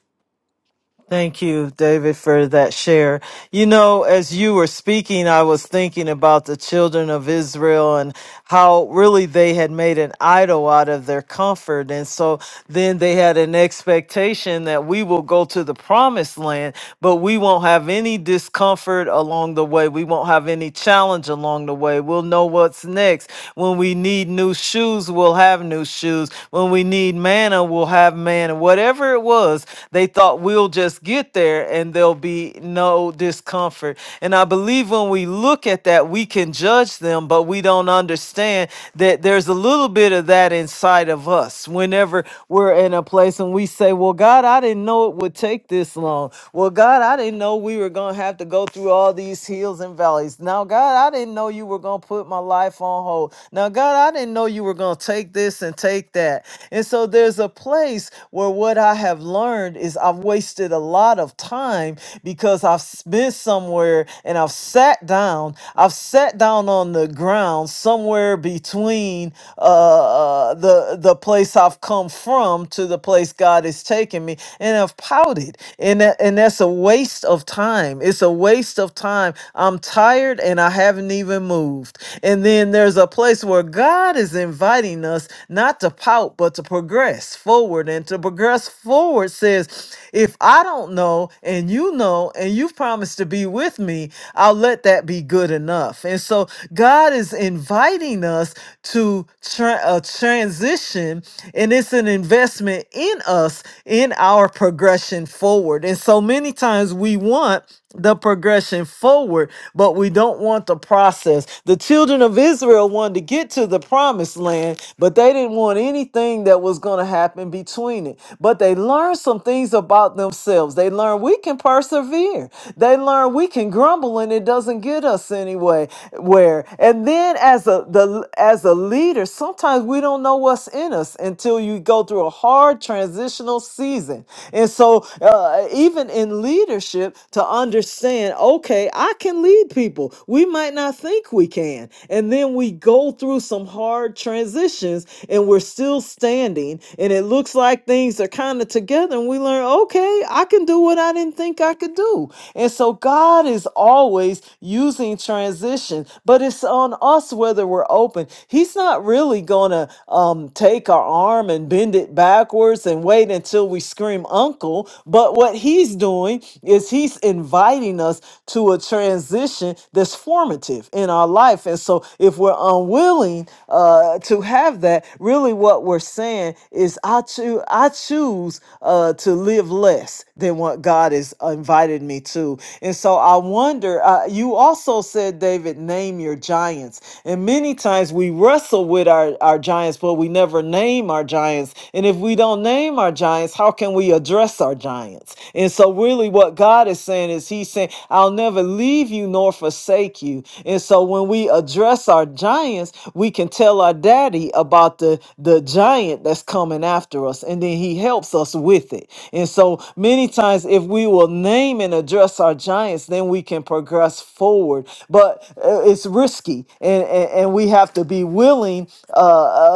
Speaker 3: Thank you, David, for that share. You know, as you were speaking, I was thinking about the children of Israel and how really they had made an idol out of their comfort. And so then they had an expectation that we will go to the promised land, but we won't have any discomfort along the way. We won't have any challenge along the way. We'll know what's next. When we need new shoes, we'll have new shoes. When we need manna, we'll have manna. Whatever it was, they they thought we'll just get there and there'll be no discomfort. And I believe when we look at that, we can judge them, but we don't understand that there's a little bit of that inside of us whenever we're in a place and we say, Well, God, I didn't know it would take this long. Well, God, I didn't know we were going to have to go through all these hills and valleys. Now, God, I didn't know you were going to put my life on hold. Now, God, I didn't know you were going to take this and take that. And so there's a place where what I have have learned is I've wasted a lot of time because I've s- been somewhere and I've sat down. I've sat down on the ground somewhere between uh, uh, the the place I've come from to the place God is taking me, and I've pouted, and that, and that's a waste of time. It's a waste of time. I'm tired and I haven't even moved. And then there's a place where God is inviting us not to pout, but to progress forward and to to progress forward says, if I don't know and you know and you've promised to be with me, I'll let that be good enough. And so God is inviting us to tra- a transition, and it's an investment in us in our progression forward. And so many times we want the progression forward, but we don't want the process. The children of Israel wanted to get to the promised land, but they didn't want anything that was going to happen between it. But they learned some things about themselves. They learned we can persevere. They learned we can grumble and it doesn't get us anyway. Where and then as a the as a leader, sometimes we don't know what's in us until you go through a hard transition transitional season. And so, uh, even in leadership, to understand, okay, I can lead people. We might not think we can. And then we go through some hard transitions and we're still standing. And it looks like things are kind of together. And we learn, okay, I can do what I didn't think I could do. And so, God is always using transition, but it's on us whether we're open open, he's not really going to um, take our arm and bend it backwards and wait until we scream uncle. But what he's doing is he's inviting us to a transition that's formative in our life. And so if we're unwilling uh, to have that, really what we're saying is I, choo- I choose uh, to live less than what God has invited me to. And so I wonder, uh, you also said, David, name your giants. And many times we wrestle with our, our giants, but we never name our giants. And if we don't name our giants, how can we address our giants? And so, really, what God is saying is, He's saying, I'll never leave you nor forsake you. And so, when we address our giants, we can tell our daddy about the, the giant that's coming after us. And then He helps us bless us with it. And so many times, if we will name and address our giants, then we can progress forward. But uh, it's risky, and, and, and we have to be willing uh,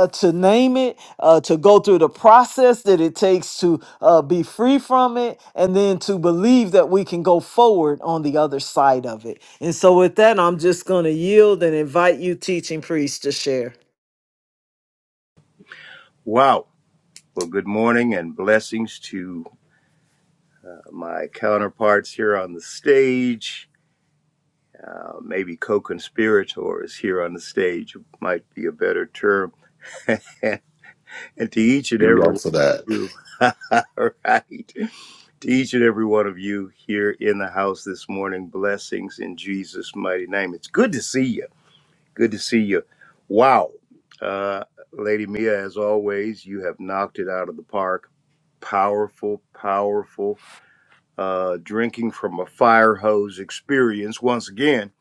Speaker 3: uh, to name it, uh, to go through the process that it takes to uh, be free from it, and then to believe that we can go forward on the other side of it. And so, with that, I'm just going to yield and invite you, teaching priest, to share.
Speaker 2: Wow. Well, good morning and blessings to uh, my counterparts here on the stage. Uh, maybe co-conspirators here on the stage might be a better term. and to each and
Speaker 1: You're
Speaker 2: every
Speaker 1: wrong
Speaker 2: one of
Speaker 1: for that.
Speaker 2: you. All right. To each and every one of you here in the house this morning, blessings in Jesus' mighty name. It's good to see you. Good to see you. Wow. Uh, Lady Mia, as always, you have knocked it out of the park. Powerful, powerful, uh, drinking from a fire hose experience once again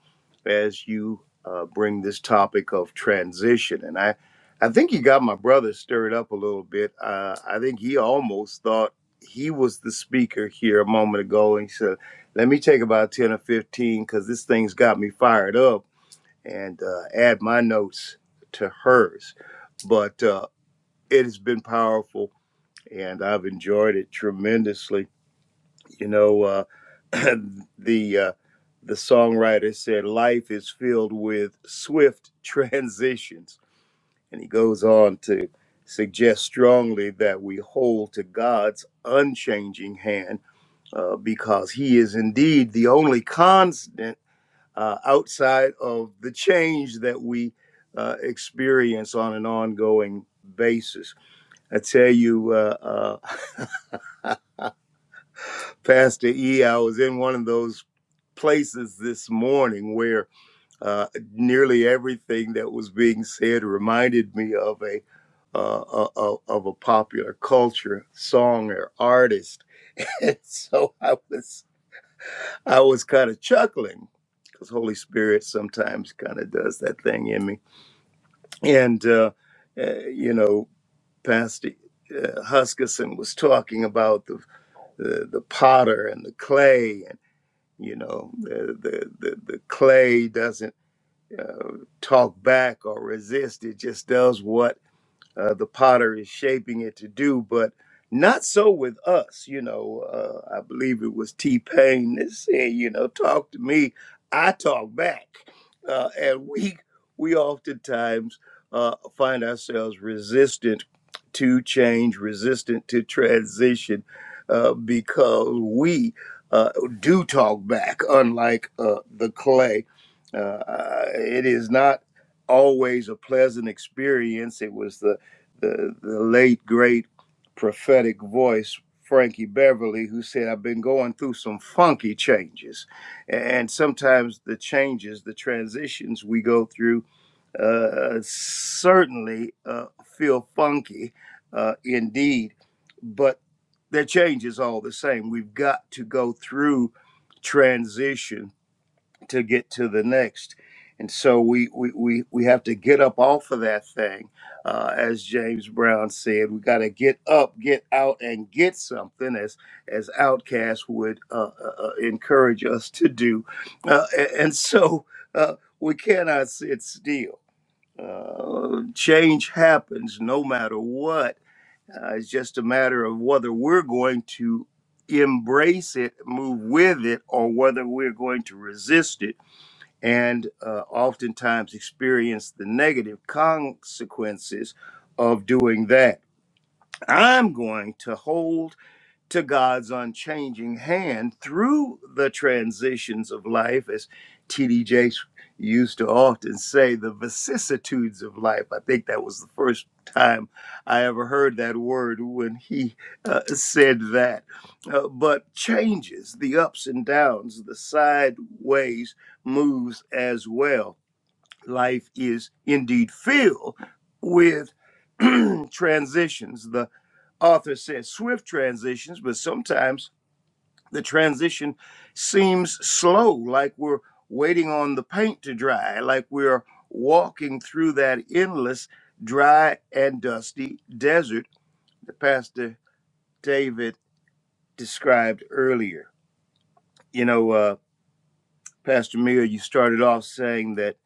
Speaker 2: as you uh, bring this topic of transition. And I, I think you got my brother stirred up a little bit. Uh, I think he almost thought he was the speaker here a moment ago. And he said, let me take about 10 or 15 because this thing's got me fired up and uh, add my notes to hers. But uh, it has been powerful and I've enjoyed it tremendously. You know, uh, the uh, the songwriter said, "Life is filled with swift transitions," and he goes on to suggest strongly that we hold to God's unchanging hand, uh, because He is indeed the only constant uh, outside of the change that we uh, experience on an ongoing basis. I tell you, uh, uh, Pastor E, I was in one of those. places this morning where uh, nearly everything that was being said reminded me of a uh, of, of a popular culture song or artist, and so I was I was kind of chuckling because Holy Spirit sometimes kind of does that thing in me, and uh, uh, you know, Pastor uh, Huskisson was talking about the, the the potter and the clay, and you know, the the the, the clay doesn't uh, talk back or resist. It just does what uh, the potter is shaping it to do, but not so with us. You know, uh, I believe it was T Pain that said, you know, talk to me, I talk back. Uh, and we, we oftentimes uh, find ourselves resistant to change, resistant to transition uh, because we uh, do talk back, unlike uh, the clay. Uh, it is not always a pleasant experience. It was the the, the late great prophetic voice Frankie Beverly, who said, I've been going through some funky changes. And sometimes the changes, the transitions we go through, uh, certainly uh, feel funky uh, indeed, but they're changes all the same. We've got to go through transition to get to the next. And so we, we, we, we have to get up off of that thing. Uh, as James Brown said, we got to get up, get out, and get something, as, as Outcast would uh, uh, uh, encourage us to do. Uh, a- and so uh, we cannot sit still. Uh, change happens no matter what. Uh, it's just a matter of whether we're going to embrace it, move with it, or whether we're going to resist it and uh, oftentimes experience the negative consequences of doing that. I'm going to hold to God's unchanging hand through the transitions of life, as T.D. Jakes used to often say, the vicissitudes of life. I think that was the first time I ever heard that word when he uh, said that. Uh, but changes, the ups and downs, the sideways moves as well life is indeed filled with transitions. The author says swift transitions, but sometimes the transition seems slow, like we're waiting on the paint to dry, like we're walking through that endless, dry, and dusty desert that Pastor David described earlier. You know, uh, Pastor Mill, you started off saying that.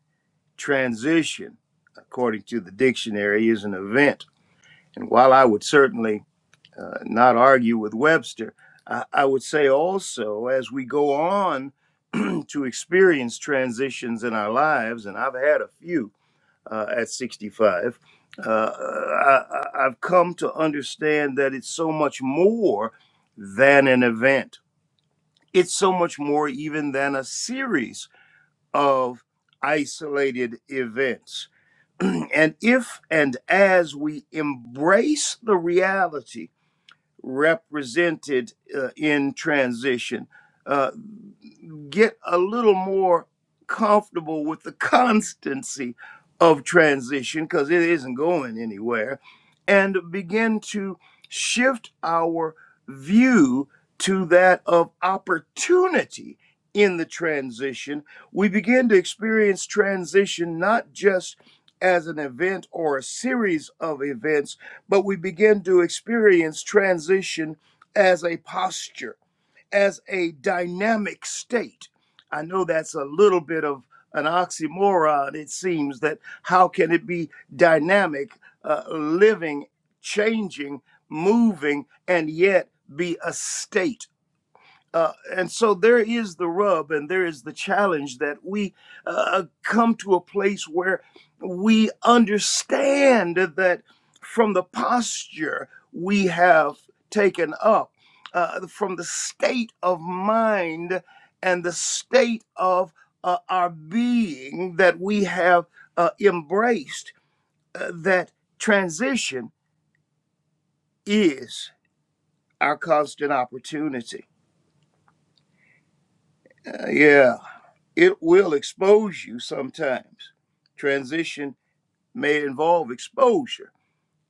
Speaker 2: transition, according to the dictionary, is an event. And while I would certainly uh, not argue with Webster, I, I would say also as we go on to experience transitions in our lives, and I've had a few uh, at 65, uh, I, I- I've come to understand that it's so much more than an event. It's so much more even than a series of isolated events and if and as we embrace the reality represented uh, in transition, uh, get a little more comfortable with the constancy of transition because it isn't going anywhere and begin to shift our view to that of opportunity in the transition we begin to experience transition not just as an event or a series of events but we begin to experience transition as a posture as a dynamic state. I know that's a little bit of an oxymoron, it seems, that how can it be dynamic, uh, living, changing, moving, and yet be a state? Uh, and so there is the rub and there is the challenge that we uh, come to a place where we understand that from the posture we have taken up, uh, from the state of mind and the state of uh, our being that we have uh, embraced, uh, that transition is our constant opportunity. Uh, yeah. It will expose you sometimes. Transition may involve exposure.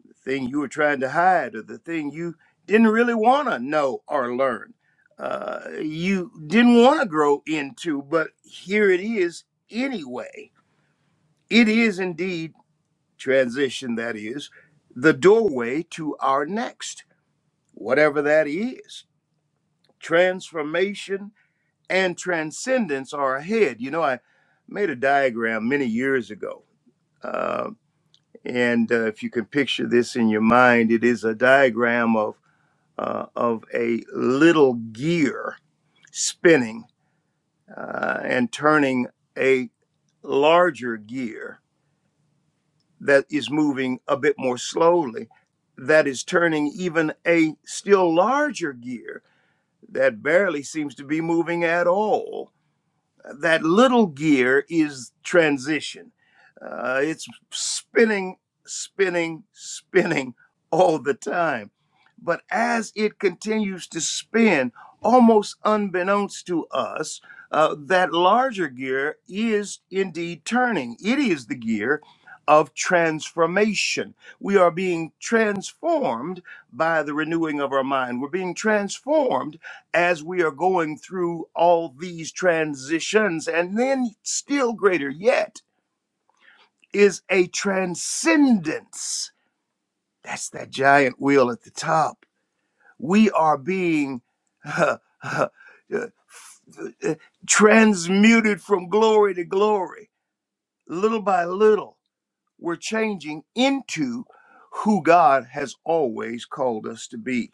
Speaker 2: The thing you were trying to hide or the thing you didn't really want to know or learn. Uh, you didn't want to grow into, but here it is anyway. It is indeed transition, that is, the doorway to our next, whatever that is. Transformation and transcendence are ahead. You know, I made a diagram many years ago Uh, and uh, if you can picture this in your mind, it is a diagram of uh, of a little gear spinning uh, and turning a larger gear that is moving a bit more slowly, that is turning even a still larger gear that barely seems to be moving at all that little gear is transition. Uh, it's spinning, spinning, spinning all the time. But as it continues to spin, almost unbeknownst to us, uh, that larger gear is indeed turning. It is the gear of transformation. We are being transformed by the renewing of our mind. We're being transformed as we are going through all these transitions. And then, still greater yet, is a transcendence. That's that giant wheel at the top. We are being uh, uh, uh, uh, transmuted from glory to glory, little by little. We're changing into who God has always called us to be.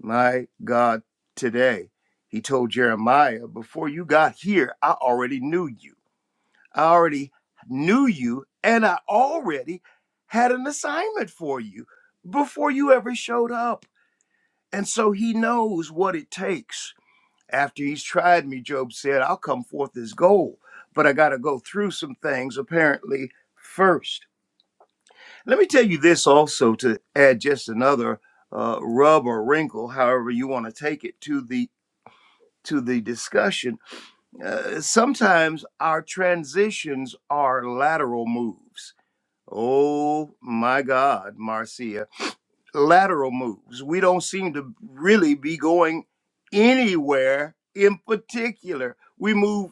Speaker 2: My God, today, he told Jeremiah, before you got here, I already knew you. I already knew you, and I already had an assignment for you before you ever showed up. And so he knows what it takes. After he's tried me, Job said, I'll come forth as gold, but I got to go through some things apparently first. Let me tell you this also to add just another uh, rub or wrinkle, however you want to take it, to the to the discussion, uh, sometimes our transitions are lateral moves. Oh my God, Marcia, lateral moves. We don't seem to really be going anywhere in particular. We move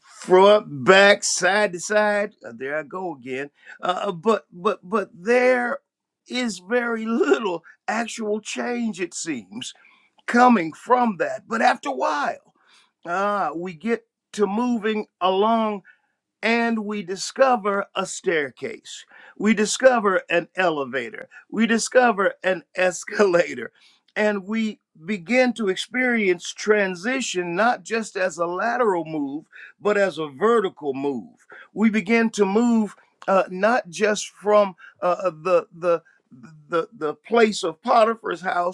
Speaker 2: front, back, side to side. Uh, There I go again. Uh, uh, but but but there is very little actual change, it seems, coming from that. But after a while. Ah, we get to moving along and we discover a staircase. We discover an elevator. We discover an escalator. And we begin to experience transition not just as a lateral move, but as a vertical move. We begin to move uh, not just from uh, the, the, the, the place of Potiphar's house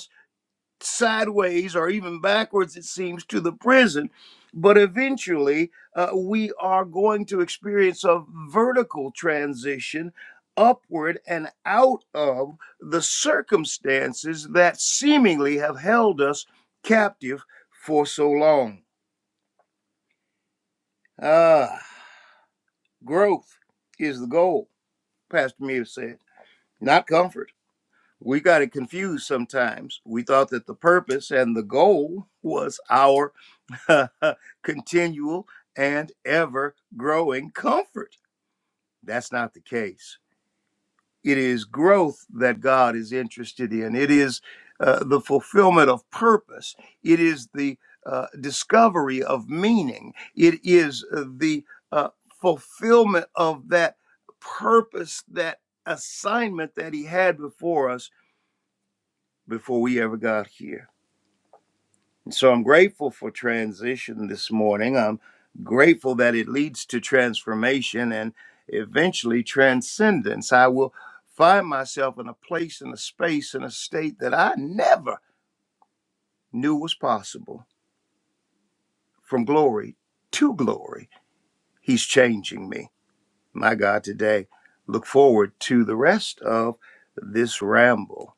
Speaker 2: sideways or even backwards, it seems, to the present. But eventually, uh, we are going to experience a vertical transition upward and out of the circumstances that seemingly have held us captive for so long. Ah, growth is the goal, Pastor Mia said, not comfort. We got it confused sometimes. We thought that the purpose and the goal was our continual and ever growing comfort. That's not the case. It is growth that God is interested in, it is uh, the fulfillment of purpose, it is the uh, discovery of meaning, it is uh, the uh, fulfillment of that purpose, that assignment that He had before us before we ever got here. So I'm grateful for transition this morning. I'm grateful that it leads to transformation and eventually transcendence. I will find myself in a place, in a space, in a state that I never knew was possible. From glory to glory, He's changing me. My God, today, look forward to the rest of this ramble.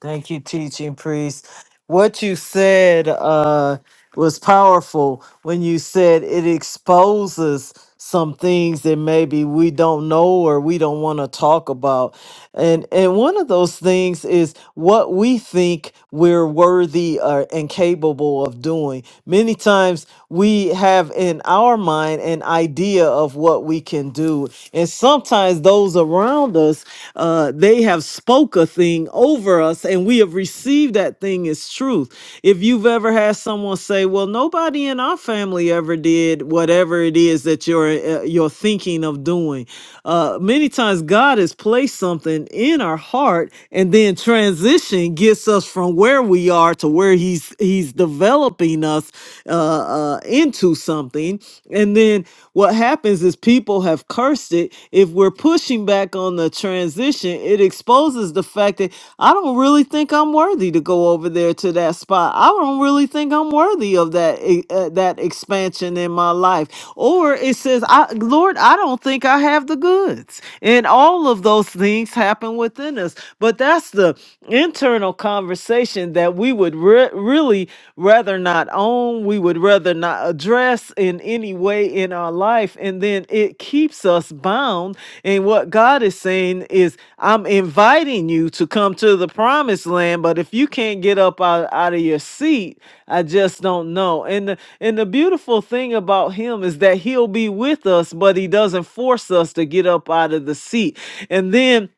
Speaker 3: Thank you, teaching priest. What you said uh, was powerful when you said it exposes some things that maybe we don't know or we don't want to talk about. And and one of those things is what we think we're worthy or and capable of doing. Many times we have in our mind an idea of what we can do. And sometimes those around us uh, they have spoken spoke a thing over us and we have received that thing as truth. If you've ever had someone say, "Well, nobody in our family ever did whatever it is that you're uh, you're thinking of doing." Uh many times God has placed something in our heart and then transition gets us from where we are to where he's he's developing us uh, uh into something. And then what happens is people have cursed it. If we're pushing back on the transition, it exposes the fact that I don't really think I'm worthy to go over there to that spot. I don't really think I'm worthy of that e- uh, that expansion in my life. Or it says, I, Lord, I don't think I have the goods. And all of those things happen within us. But that's the internal conversation that we would re- really rather not own, we would rather not address in any way in our life. And then it keeps us bound. And what God is saying is, I'm inviting you to come to the promised land, but if you can't get up out, out of your seat, I just don't know. And the, and the beautiful thing about him is that he'll be with us, but he doesn't force us to get up out of the seat. And then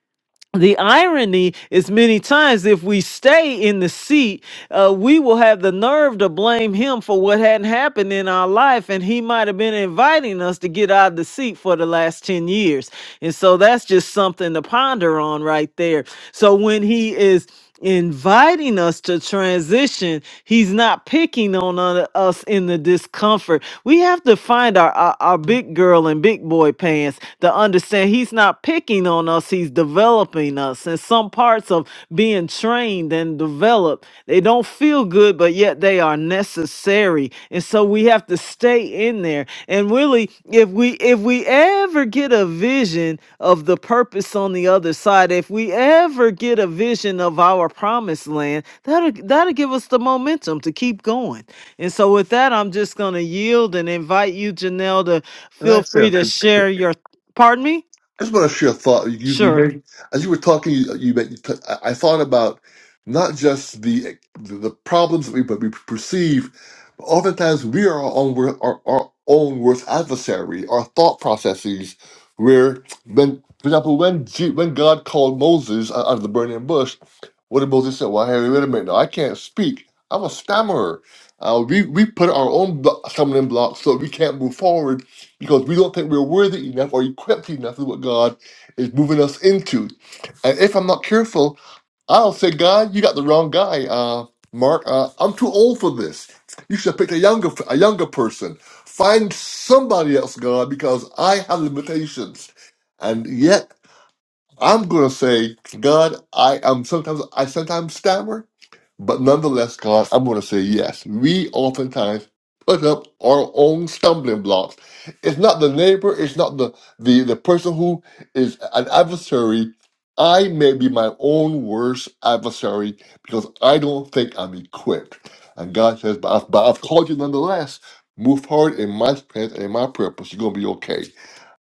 Speaker 3: the irony is many times if we stay in the seat uh, we will have the nerve to blame him for what hadn't happened in our life and he might have been inviting us to get out of the seat for the last 10 years and so that's just something to ponder on right there so when he is inviting us to transition. He's not picking on u- us in the discomfort. We have to find our, our, our big girl and big boy pants to understand he's not picking on us, he's developing us. And some parts of being trained and developed, they don't feel good, but yet they are necessary. And so we have to stay in there. And really, if we if we ever get a vision, of the purpose on the other side. If we ever get a vision of our promised land, that'll that'll give us the momentum to keep going. And so with that, I'm just gonna yield and invite you, Janelle, to
Speaker 1: And
Speaker 3: feel
Speaker 1: I
Speaker 3: free
Speaker 1: feel.
Speaker 3: to share your pardon me?
Speaker 1: I just want to share a thought. You, you
Speaker 3: Sure.
Speaker 1: made, as you were talking, you, you, made, you t- I I thought about not just the the problems that we but we perceive, but oftentimes we are our own wor- our, our own worst adversary. Our thought processes, where when for example, when G, when God called Moses out out of the burning bush, what did Moses say? Well, hey, wait a minute, now, I can't speak. I'm a stammerer. Uh, we we put our own blo- stumbling blocks so we can't move forward because we don't think we're worthy enough or equipped enough is what God is moving us into. And if I'm not careful, I'll say, God, you got the wrong guy, uh, Mark. Uh, I'm too old for this. You should have picked a younger a younger person. Find somebody else, God, because I have limitations. And yet I'm gonna say, God, I am sometimes I sometimes stammer. But nonetheless, God, I'm going to say yes. We oftentimes put up our own stumbling blocks. It's not the neighbor, it's not the, the, the person who is an adversary. I may be my own worst adversary because I don't think I'm equipped. And God says, but I've, but I've called you nonetheless. Move forward in my strength and in my purpose. You're going to be okay.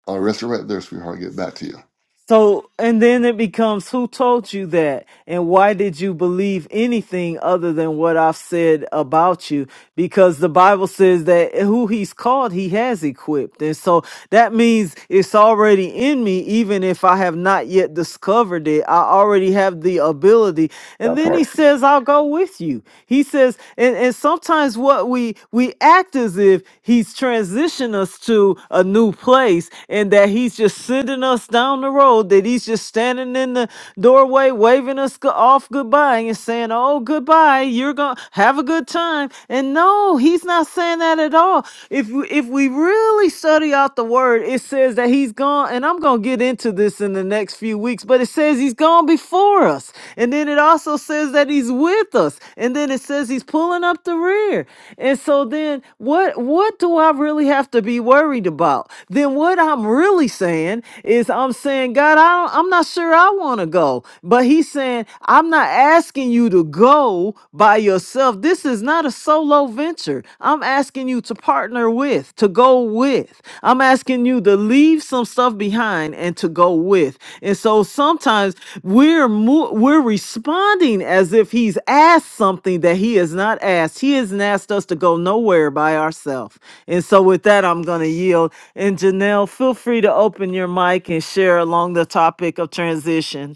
Speaker 1: I'll rest it right there, sweetheart. Get back to you.
Speaker 3: So, and then it becomes who told you that? And why did you believe anything other than what I've said about you? Because the Bible says that who he's called, he has equipped. And so that means it's already in me, even if I have not yet discovered it. I already have the ability. And then he says, I'll go with you. He says, and, and sometimes what we, we act as if he's transitioned us to a new place and that he's just sending us down the road that he's just standing in the doorway waving us go- off goodbye and saying, Oh, goodbye, you're going to have a good time. And no, he's not saying that at all. If, we- if we really study out the word, it says that he's gone, and I'm going to get into this in the next few weeks, but it says he's gone before us. And then it also says that he's with us. And then it says he's pulling up the rear. And so then what what do I really have to be worried about? Then what I'm really saying is I'm saying, God, I don't, I'm not sure I want to go. But he's saying, I'm not asking you to go by yourself. This is not a solo venture. I'm asking you to partner with, to go with. I'm asking you to leave some stuff behind and to go with. And so sometimes we're mo- we're responding as if he's asked something that he has not asked. He hasn't asked us to go nowhere by ourselves. And so with that, I'm going to yield and Janelle, feel free to open your mic and share along the topic of transition.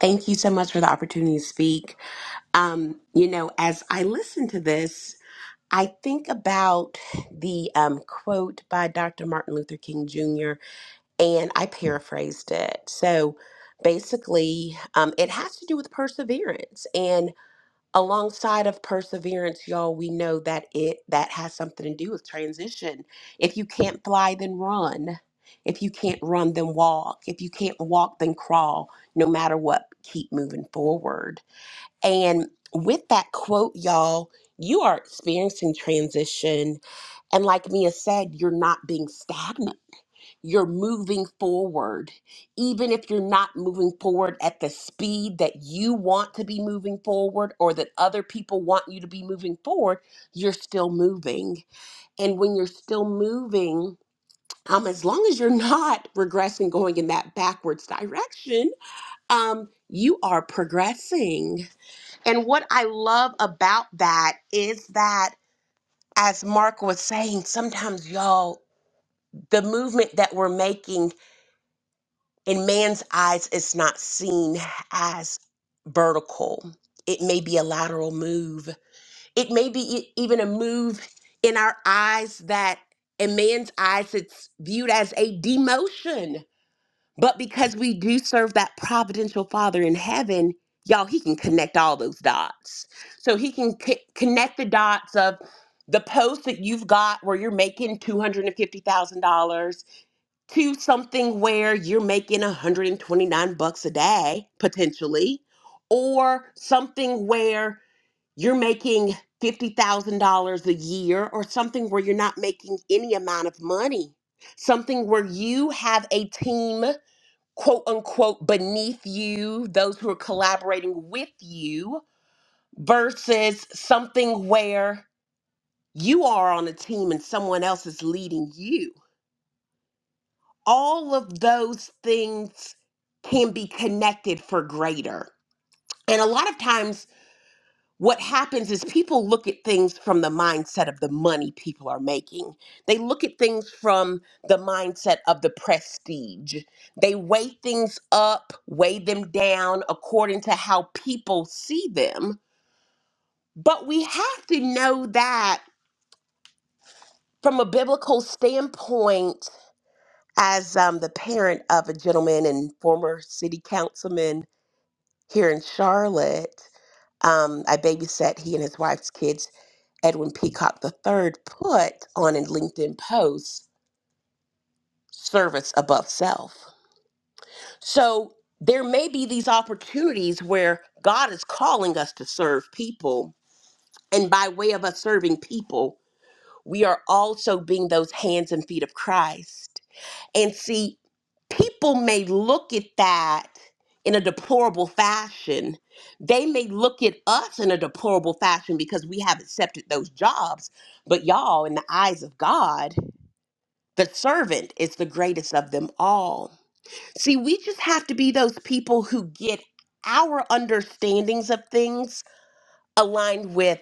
Speaker 4: Thank you so much for the opportunity to speak. Um, you know, as I listen to this, I think about the um, quote by Dr. Martin Luther King Jr., and I paraphrased it. So basically, um, it has to do with perseverance. And alongside of perseverance y'all we know that it that has something to do with transition if you can't fly then run if you can't run then walk if you can't walk then crawl no matter what keep moving forward and with that quote y'all you are experiencing transition and like mia said you're not being stagnant you're moving forward, even if you're not moving forward at the speed that you want to be moving forward or that other people want you to be moving forward, you're still moving. And when you're still moving, um, as long as you're not regressing, going in that backwards direction, um, you are progressing. And what I love about that is that, as Mark was saying, sometimes y'all, the movement that we're making in man's eyes it's not seen as vertical it may be a lateral move it may be e- even a move in our eyes that in man's eyes it's viewed as a demotion but because we do serve that providential father in heaven y'all he can connect all those dots so he can c- connect the dots of the post that you've got where you're making $250000 to something where you're making 129 bucks a day potentially or something where you're making $50,000 a year or something where you're not making any amount of money something where you have a team quote unquote beneath you those who are collaborating with you versus something where you are on a team and someone else is leading you all of those things can be connected for greater. And a lot of times, what happens is people look at things from the mindset of the money people are making. They look at things from the mindset of the prestige. They weigh things up, weigh them down according to how people see them. But we have to know that from a biblical standpoint, as um, the parent of a gentleman and former city councilman here in Charlotte, um, I babysat he and his wife's kids. Edwin Peacock III put on a LinkedIn post service above self. So there may be these opportunities where God is calling us to serve people. And by way of us serving people, we are also being those hands and feet of Christ And see, people may look at that in a deplorable fashion. They may look at us in a deplorable fashion because we have accepted those jobs. But y'all, in the eyes of God, the servant is the greatest of them all. See, we just have to be those people who get our understandings of things aligned with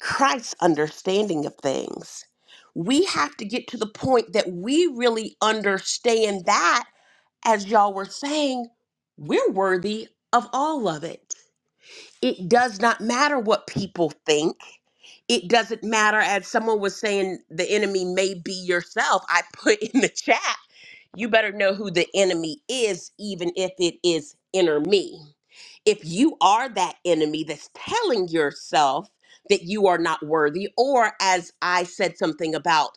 Speaker 4: Christ's understanding of things. We have to get to the point that we really understand that as y'all were saying, we're worthy of all of it. It does not matter what people think. It doesn't matter, as someone was saying, the enemy may be yourself. I put in the chat, you better know who the enemy is, even if it is inner me. If you are that enemy that's telling yourself that you are not worthy, or as I said something about,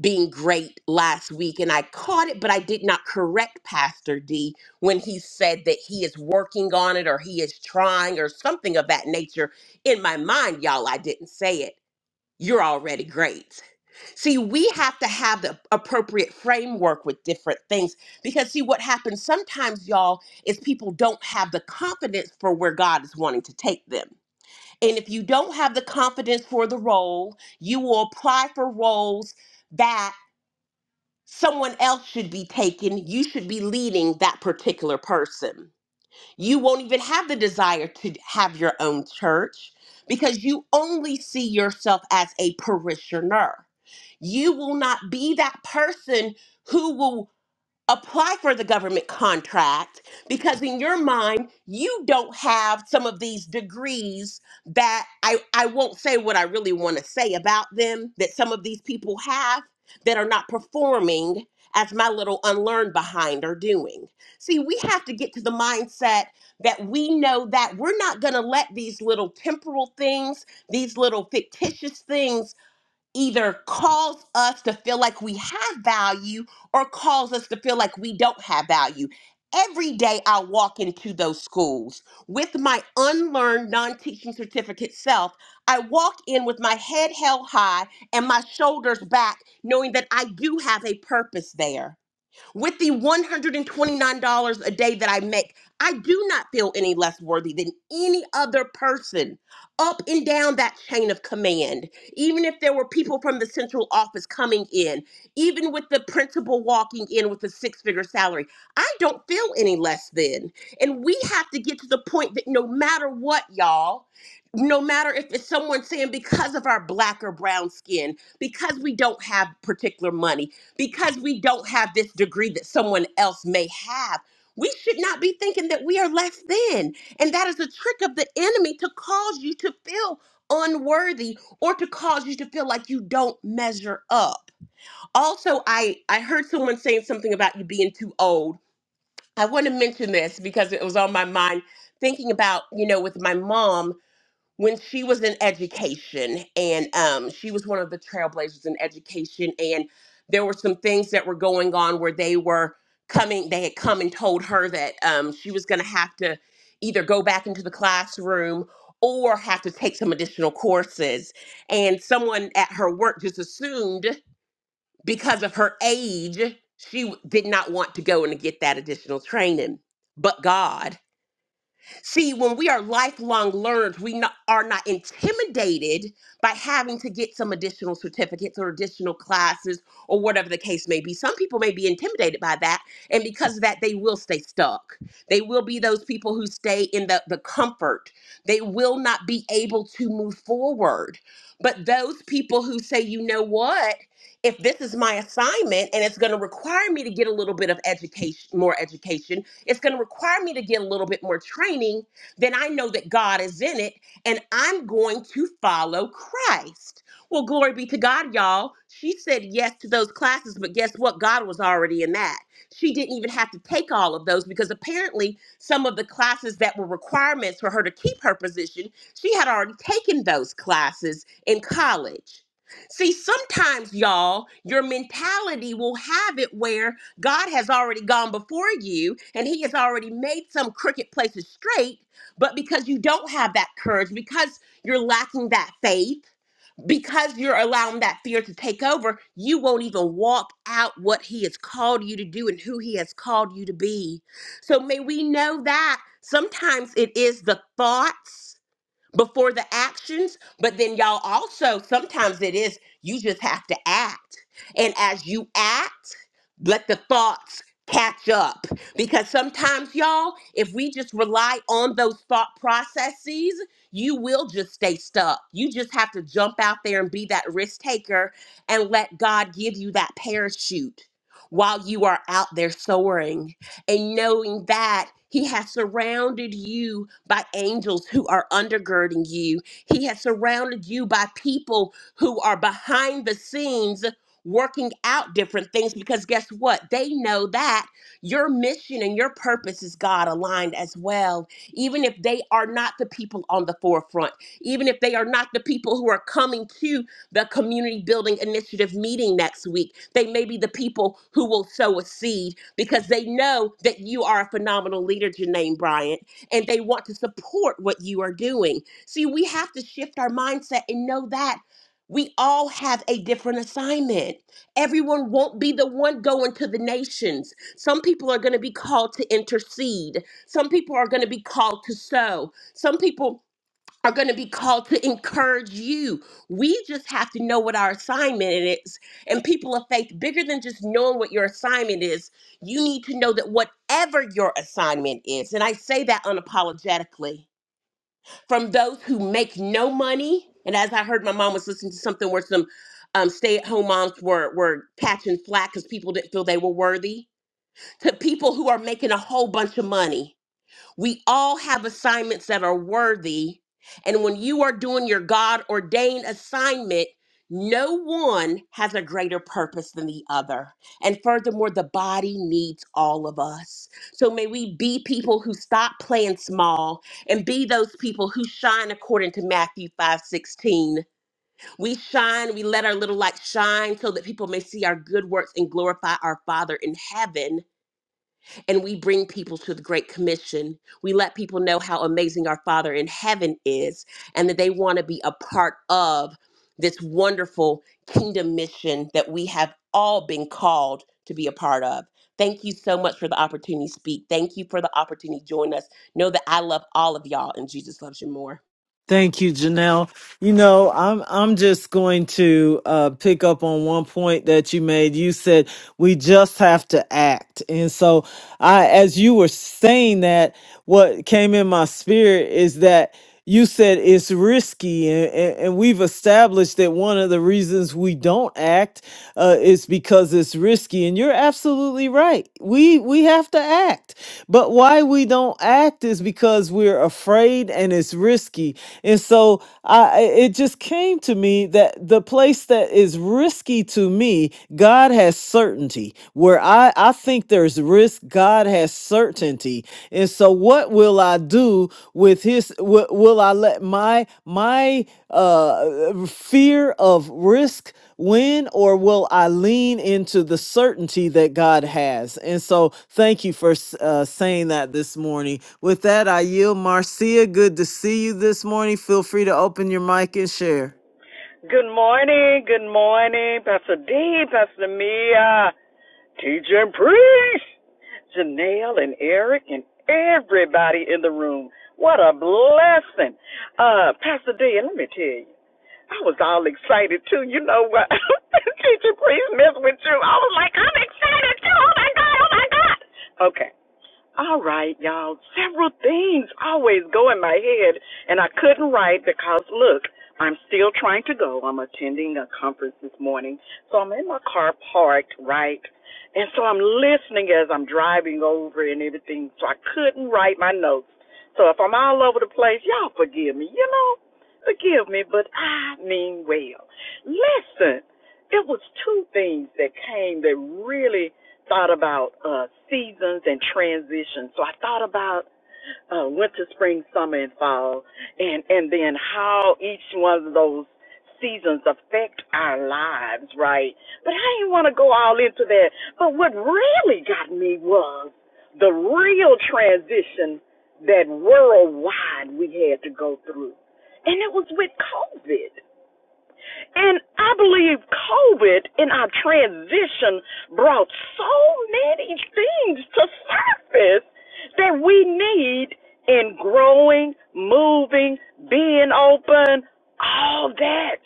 Speaker 4: being great last week and I caught it, but I did not correct Pastor D when he said that he is working on it or he is trying or something of that nature. In my mind, y'all, I didn't say it. You're already great. See, we have to have the appropriate framework with different things because, see, what happens sometimes, y'all, is people don't have the confidence for where God is wanting to take them. And if you don't have the confidence for the role, you will apply for roles someone else should be taken. You should be leading that particular person. You won't even have the desire to have your own church because you only see yourself as a parishioner. You will not be that person who will apply for the government contract because in your mind you don't have some of these degrees that I I won't say what I really want to say about them that some of these people have that are not performing as my little unlearned behind are doing. See, we have to get to the mindset that we know that we're not going to let these little temporal things, these little fictitious things either calls us to feel like we have value or calls us to feel like we don't have value. Every day I walk into those schools with my unlearned non teaching certificate self. I walk in with my head held high and my shoulders back, knowing that I do have a purpose there. With the $129 a day that I make, I do not feel any less worthy than any other person up and down that chain of command. Even if there were people from the central office coming in, even with the principal walking in with a six figure salary, I don't feel any less than. And we have to get to the point that no matter what, y'all, no matter if it's someone saying because of our black or brown skin, because we don't have particular money, because we don't have this degree that someone else may have. We should not be thinking that we are less than. And that is a trick of the enemy to cause you to feel unworthy or to cause you to feel like you don't measure up. Also, I I heard someone saying something about you being too old. I want to mention this because it was on my mind thinking about, you know, with my mom when she was in education and um, she was one of the trailblazers in education and there were some things that were going on where they were coming they had come and told her that um, she was going to have to either go back into the classroom or have to take some additional courses and someone at her work just assumed because of her age she w- did not want to go and get that additional training but god See, when we are lifelong learners, we not, are not intimidated by having to get some additional certificates or additional classes or whatever the case may be. Some people may be intimidated by that, and because of that, they will stay stuck. They will be those people who stay in the, the comfort. They will not be able to move forward. But those people who say, you know what? If this is my assignment and it's going to require me to get a little bit of education, more education, it's going to require me to get a little bit more training, then I know that God is in it and I'm going to follow Christ. Well, glory be to God, y'all. She said yes to those classes, but guess what? God was already in that. She didn't even have to take all of those because apparently some of the classes that were requirements for her to keep her position, she had already taken those classes in college. See, sometimes, y'all, your mentality will have it where God has already gone before you and he has already made some crooked places straight. But because you don't have that courage, because you're lacking that faith, because you're allowing that fear to take over, you won't even walk out what he has called you to do and who he has called you to be. So may we know that sometimes it is the thoughts before the actions, but then y'all also sometimes it is you just have to act. And as you act, let the thoughts catch up because sometimes y'all if we just rely on those thought processes you will just stay stuck you just have to jump out there and be that risk taker and let god give you that parachute while you are out there soaring and knowing that he has surrounded you by angels who are undergirding you. He has surrounded you by people who are behind the scenes working out different things because guess what? They know that your mission and your purpose is God aligned as well. Even if they are not the people on the forefront, even if they are not the people who are coming to the community building initiative meeting next week. They may be the people who will sow a seed because they know that you are a phenomenal leader, Janine Bryant, and they want to support what you are doing. See, we have to shift our mindset and know that. We all have a different assignment. Everyone won't be the one going to the nations. Some people are going to be called to intercede. Some people are going to be called to sow. Some people are going to be called to encourage you. We just have to know what our assignment is. And people of faith, bigger than just knowing what your assignment is, you need to know that whatever your assignment is, and I say that unapologetically, from those who make no money, and as I heard my mom was listening to something where some um, stay-at-home moms were were catching flack because people didn't feel they were worthy, to people who are making a whole bunch of money we all have assignments that are worthy. And when you are doing your God ordained assignment, no one has a greater purpose than the other. And furthermore, the body needs all of us. So may we be people who stop playing small and be those people who shine according to Matthew 5 16. We shine, we let our little light shine so that people may see our good works and glorify our Father in heaven and we bring people to the Great Commission. We let people know how amazing our Father in heaven is and that they want to be a part of this wonderful kingdom mission that we have all been called to be a part of. Thank you so much for the opportunity to speak. Thank you for the opportunity to join us. Know that I love all of y'all and Jesus loves you more.
Speaker 3: Thank you, Janelle. You know, I'm I'm just going to uh, pick up on one point that you made. You said we just have to act, and so I, as you were saying that, what came in my spirit is that you said it's risky, and, and, and we've established that one of the reasons we don't act uh, is because it's risky, and you're absolutely right. We we have to act. But why we don't act is because we're afraid and it's risky. And so I I- it just came to me that the place that is risky to me, God has certainty. Where I, I think there's risk, God has certainty. And so what will I do with his wi- will I let my my uh fear of risk when or will I lean into the certainty that God has? And so, thank you for uh, saying that this morning. With that, I yield. Marcia, good to see you this morning. Feel free to open your mic and share.
Speaker 5: Good morning, good morning, Pastor D, Pastor Mia, teacher and priest, Janelle and Eric and everybody in the room. What a blessing. Uh, Pastor D, and let me tell you, I was all excited too. You know what? teacher and priest messed with you. I was like, I'm excited too. Oh my God. Okay. All right, y'all. Several things always go in my head, and I couldn't write because, look, I'm still trying to go. I'm attending a conference this morning, so I'm in my car parked, right? And so I'm listening as I'm driving over and everything, so I couldn't write my notes. So if I'm all over the place, y'all forgive me, you know? Forgive me, but I mean well. Listen, it was two things that came that really thought about uh, seasons and transitions. So I thought about uh, winter, spring, summer, and fall, and and then how each one of those seasons affect our lives, right? But I didn't want to go all into that. But what really got me was the real transition that worldwide we had to go through, and it was with COVID. And I believe COVID in our transition brought so many things to surface that we need in growing, moving, being open, all that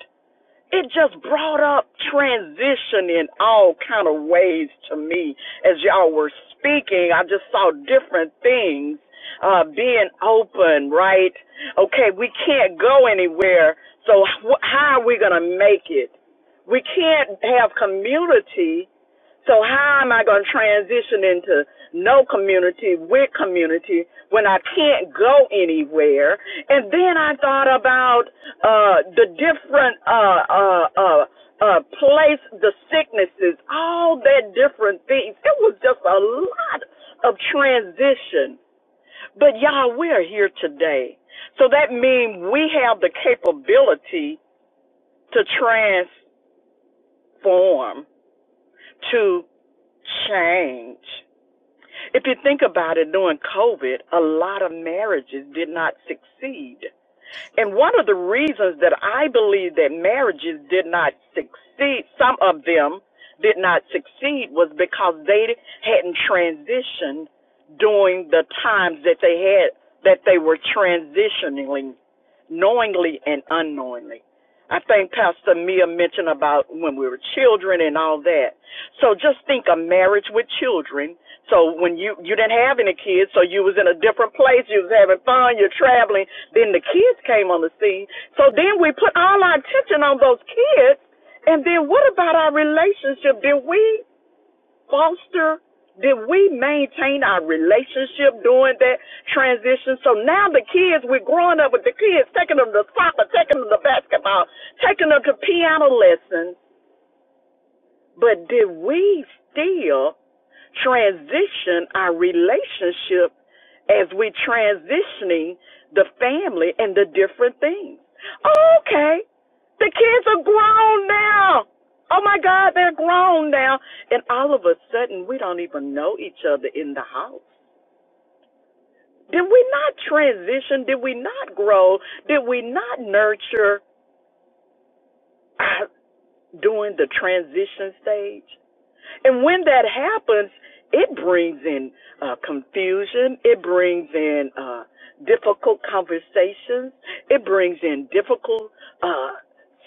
Speaker 5: it just brought up transition in all kind of ways to me as y'all were speaking i just saw different things uh being open right okay we can't go anywhere so how are we going to make it we can't have community so how am i going to transition into no community with community when i can't go anywhere and then i thought about uh, the different uh, uh, uh, uh, place, the sicknesses, all that different things. It was just a lot of transition. But y'all, we're here today. So that means we have the capability to transform, to change. If you think about it, during COVID, a lot of marriages did not succeed And one of the reasons that I believe that marriages did not succeed, some of them did not succeed, was because they hadn't transitioned during the times that they had, that they were transitioning knowingly and unknowingly. I think Pastor Mia mentioned about when we were children and all that. So just think of marriage with children. So when you you didn't have any kids, so you was in a different place, you was having fun, you're traveling, then the kids came on the scene. So then we put all our attention on those kids. And then what about our relationship? Did we foster? Did we maintain our relationship during that transition? So now the kids, we're growing up with the kids, taking them to soccer, taking them to basketball, taking them to piano lessons. But did we still transition our relationship as we are transitioning the family and the different things. Oh, Okay, the kids are grown now. Oh my God, they're grown now. And all of a sudden, we don't even know each other in the house. Did we not transition? Did we not grow? Did we not nurture our, during the transition stage? And when that happens, it brings in uh, confusion. It brings in uh, difficult conversations. It brings in difficult uh,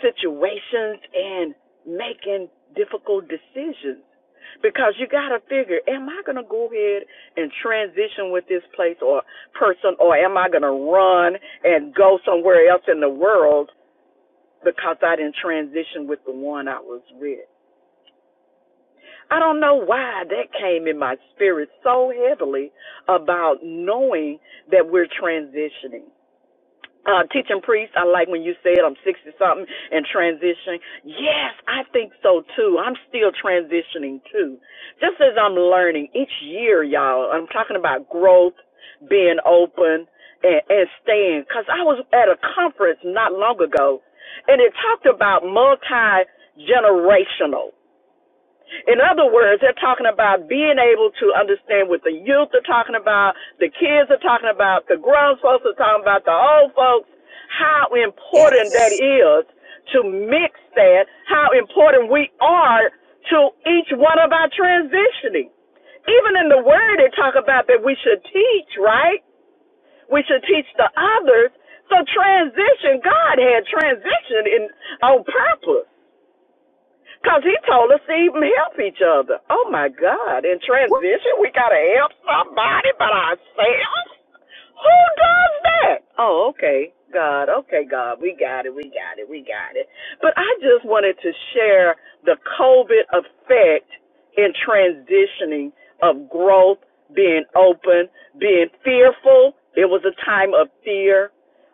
Speaker 5: situations and making difficult decisions. Because you got to figure, am I going to go ahead and transition with this place or person, or am I going to run and go somewhere else in the world because I didn't transition with the one I was with? I don't know why that came in my spirit so heavily about knowing that we're transitioning. Uh, teaching priest, I like when you said I'm 60 something and transitioning. Yes, I think so too. I'm still transitioning too. Just as I'm learning each year, y'all, I'm talking about growth, being open, and, and staying. Because I was at a conference not long ago and it talked about multi generational. In other words, they're talking about being able to understand what the youth are talking about, the kids are talking about, the grown folks are talking about, the old folks, how important that
Speaker 4: Yes.
Speaker 5: is to mix that, how important we are to each one of our transitioning. Even in the word, they talk about that we should teach, right? We should teach the others. So transition, God had transition in on purpose. Because he told us to even help each other. Oh my God. In transition, we got to help somebody but ourselves? Who does that? Oh, okay. God, okay, God, we got it, we got it, we got it. But I just wanted to share the COVID effect in transitioning of growth, being open, being fearful. It was a time of fear.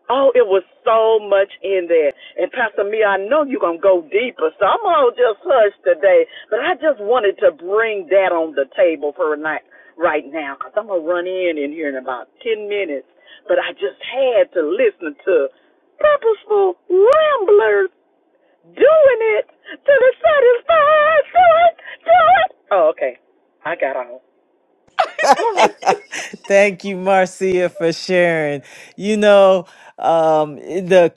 Speaker 5: Oh, it was so much in there. And Pastor Mia, I know you're going to go deeper, so I'm going to just hush today. But I just wanted to bring that on the table for a night right now, because 'cause I'm going to run in in here in about 10 minutes. But I just had to listen to purposeful ramblers doing it to the satisfied. Do it, do it. Oh, okay. I got on. All right.
Speaker 3: thank you, Marcia, for sharing. You know, um, the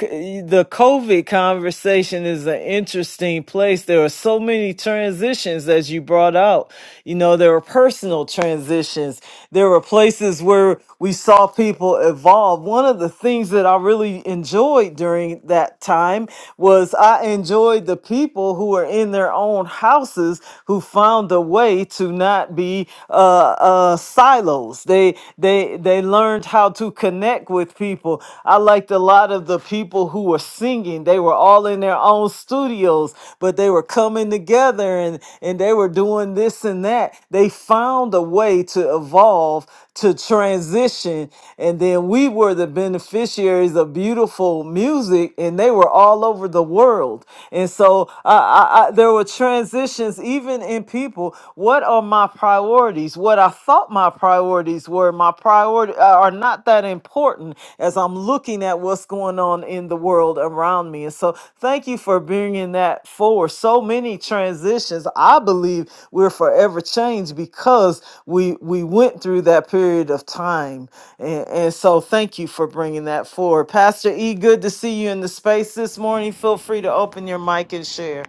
Speaker 3: the COVID conversation is an interesting place. There are so many transitions as you brought out. You know, there were personal transitions. There were places where we saw people evolve. One of the things that I really enjoyed during that time was I enjoyed the people who were in their own houses who found a way to not be uh, uh, silos. They they they learned how to connect with people. Bible. I liked a lot of the people who were singing. They were all in their own studios, but they were coming together and, and they were doing this and that. They found a way to evolve, to transition. And then we were the beneficiaries of beautiful music, and they were all over the world. And so I, I, I, there were transitions even in people. What are my priorities? What I thought my priorities were, my priority are not that important as I'm looking at what's going on in the world around me. And so, thank you for bringing that forward. So many transitions. I believe we're forever changed because we we went through that period of time. And, and so, thank you for bringing that forward, Pastor E. Good to see you in the space this morning. Feel free to open your mic and share.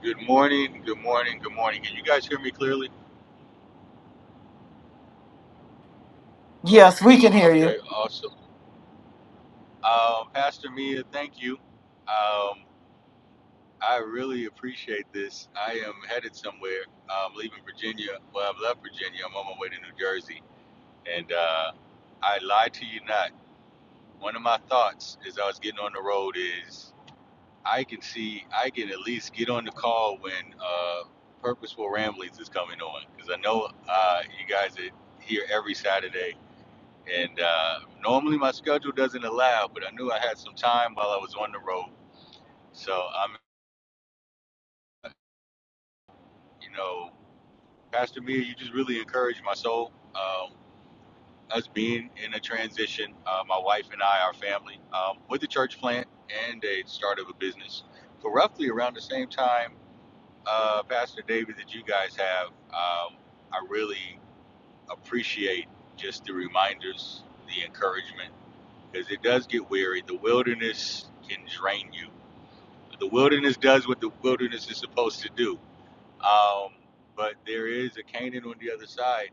Speaker 6: Good morning, good morning, good morning. Can you guys hear me clearly?
Speaker 3: Yes, we can hear you.
Speaker 6: Okay, awesome. Um, Pastor Mia, thank you. Um, I really appreciate this. I am headed somewhere. I'm leaving Virginia. Well, I've left Virginia. I'm on my way to New Jersey. And uh, I lie to you not. One of my thoughts as I was getting on the road is I can see, I can at least get on the call when uh, Purposeful Ramblings is coming on. Because I know uh, you guys are here every Saturday And uh, normally my schedule doesn't allow, but I knew I had some time while I was on the road. So I'm, you know, Pastor Mia, you just really encouraged my soul. Um, us being in a transition, uh, my wife and I, our family, um, with a church plant and a start of a business for roughly around the same time, uh, Pastor David, that you guys have. Um, I really appreciate just the reminders, the encouragement, because it does get weary. The wilderness can drain you the wilderness does what the wilderness is supposed to do. Um, but there is a Canaan on the other side.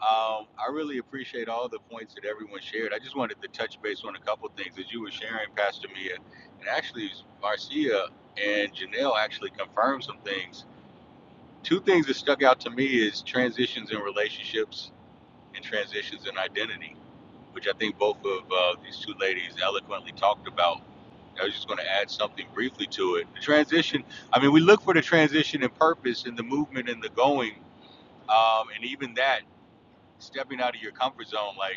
Speaker 6: Um, I really appreciate all the points that everyone shared. I just wanted to touch base on a couple things that you were sharing, Pastor Mia, and actually Marcia and Janelle actually confirmed some things. Two things that stuck out to me is transitions in relationships and transitions in identity, which I think both of uh, these two ladies eloquently talked about I was just going to add something briefly to it. The transition, I mean, we look for the transition and purpose and the movement and the going, um, and even that, stepping out of your comfort zone. Like,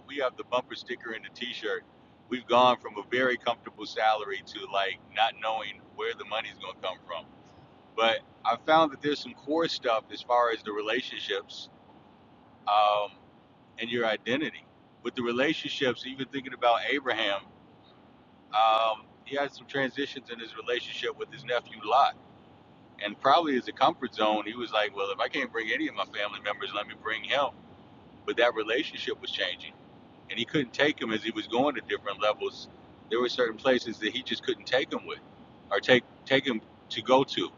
Speaker 6: we have the bumper sticker and the t shirt. We've gone from a very comfortable salary to like not knowing where the money's going to come from. But I found that there's some core stuff as far as the relationships um, and your identity. With the relationships, even thinking about Abraham, um, he had some transitions in his relationship with his nephew Lot, and probably as a comfort zone, he was like, "Well, if I can't bring any of my family members, let me bring him." But that relationship was changing, and he couldn't take him as he was going to different levels. There were certain places that he just couldn't take him with, or take take him to go to.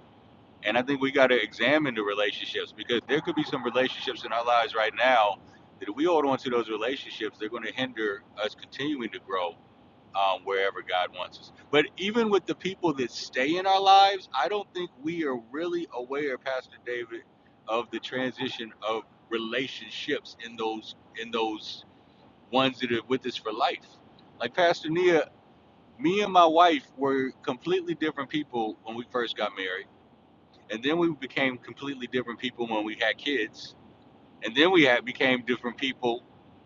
Speaker 6: And I think we got to examine the relationships because there could be some relationships in our lives right now that if we hold on to those relationships, they're going to hinder us continuing to grow um, wherever God wants us. But even with the people that stay in our lives, I don't think we are really aware, Pastor David, of the transition of relationships in those in those ones that are with us for life. Like Pastor Nia, me and my wife were completely different people when we first got married, and then we became completely different people when we had kids, and then we had became different people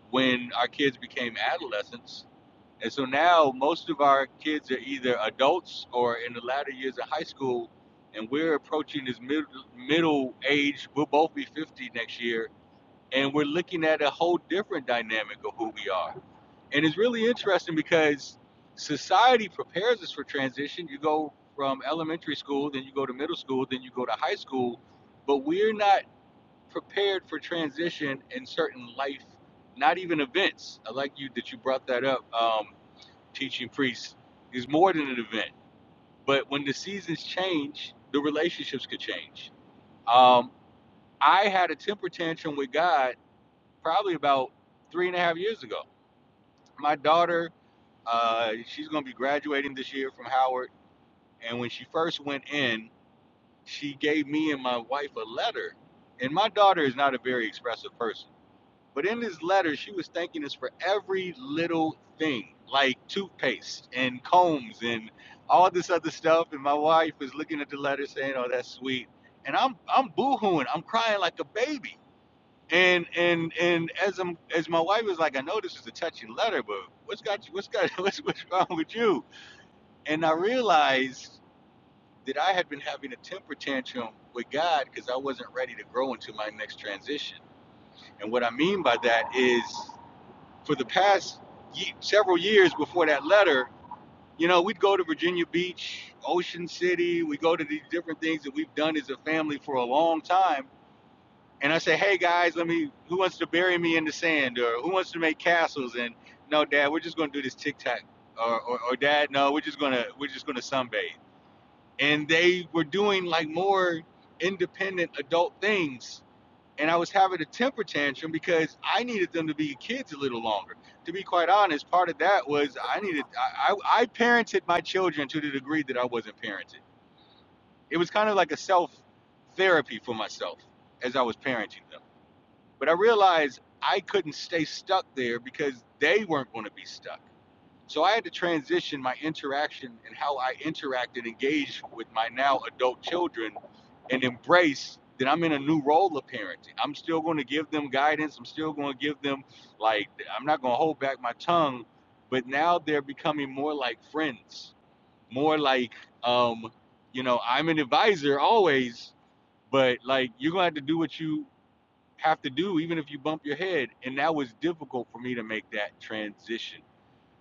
Speaker 6: when our kids became adolescents and so now most of our kids are either adults or in the latter years of high school, and we're approaching this middle middle age. We'll both be 50 next year, and we're looking at a whole different dynamic of who we are. And it's really interesting because society prepares us for transition. You go from elementary school, then you go to middle school, then you go to high school, but we're not prepared for transition in certain life, not even events. I like you that you brought that up. Um, teaching priests is more than an event. But when the seasons change, the relationships could change. Um, I had a temper tantrum with God probably about three and a half years ago. My daughter, uh, she's going to be graduating this year from Howard. And when she first went in, she gave me and my wife a letter. And my daughter is not a very expressive person But in this letter, she was thanking us for every little thing, like toothpaste and combs and all this other stuff. And my wife was looking at the letter saying, "Oh, that's sweet." And I'm I'm boohooing. I'm crying like a baby. And and and as I'm as my wife was like, "I know this is a touching letter, but what's got you? What's got what's what's wrong with you?" And I realized that I had been having a temper tantrum with God because I wasn't ready to grow into my next transition. And what I mean by that is for the past ye- several years before that letter, you know, we'd go to Virginia Beach, Ocean City. We go to these different things that we've done as a family for a long time. And I say, hey guys, let me. Who wants to bury me in the sand, or who wants to make castles? And no, Dad, we're just going to do this tic tac. Or, or, or Dad, no, we're just gonna we're just gonna sunbathe. And they were doing like more independent adult things and I was having a temper tantrum because I needed them to be kids a little longer. To be quite honest, part of that was I needed I, I, I parented my children to the degree that I wasn't parented. It was kind of like a self therapy for myself as I was parenting them. But I realized I couldn't stay stuck there because they weren't going to be stuck. So I had to transition my interaction and how I interact and engage with my now adult children and embrace that I'm in a new role of parenting. I'm still going to give them guidance. I'm still going to give them, like, I'm not going to hold back my tongue, but now they're becoming more like friends, more like, um, you know, I'm an advisor always, but like, you're going to have to do what you have to do, even if you bump your head. And that was difficult for me to make that transition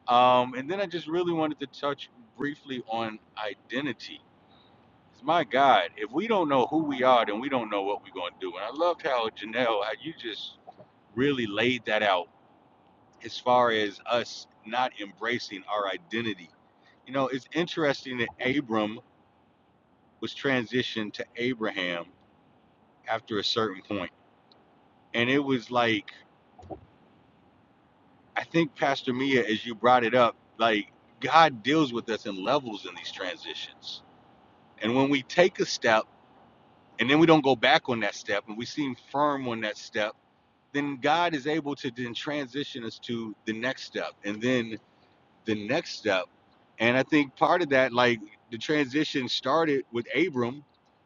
Speaker 6: um, and then I just really wanted to touch briefly on identity. 'Cause My God, if we don't know who we are, then we don't know what we're going to do. And I loved how Janelle, how you just really laid that out as far as us not embracing our identity. You know, it's interesting that Abram was transitioned to Abraham after a certain point. And it was like, I think, Pastor Mia, as you brought it up, like God deals with us in levels in these transitions. And when we take a step, and then we don't go back on that step and we seem firm on that step, then God is able to then transition us to the next step and then the next step. And I think part of that, like the transition started with Abram,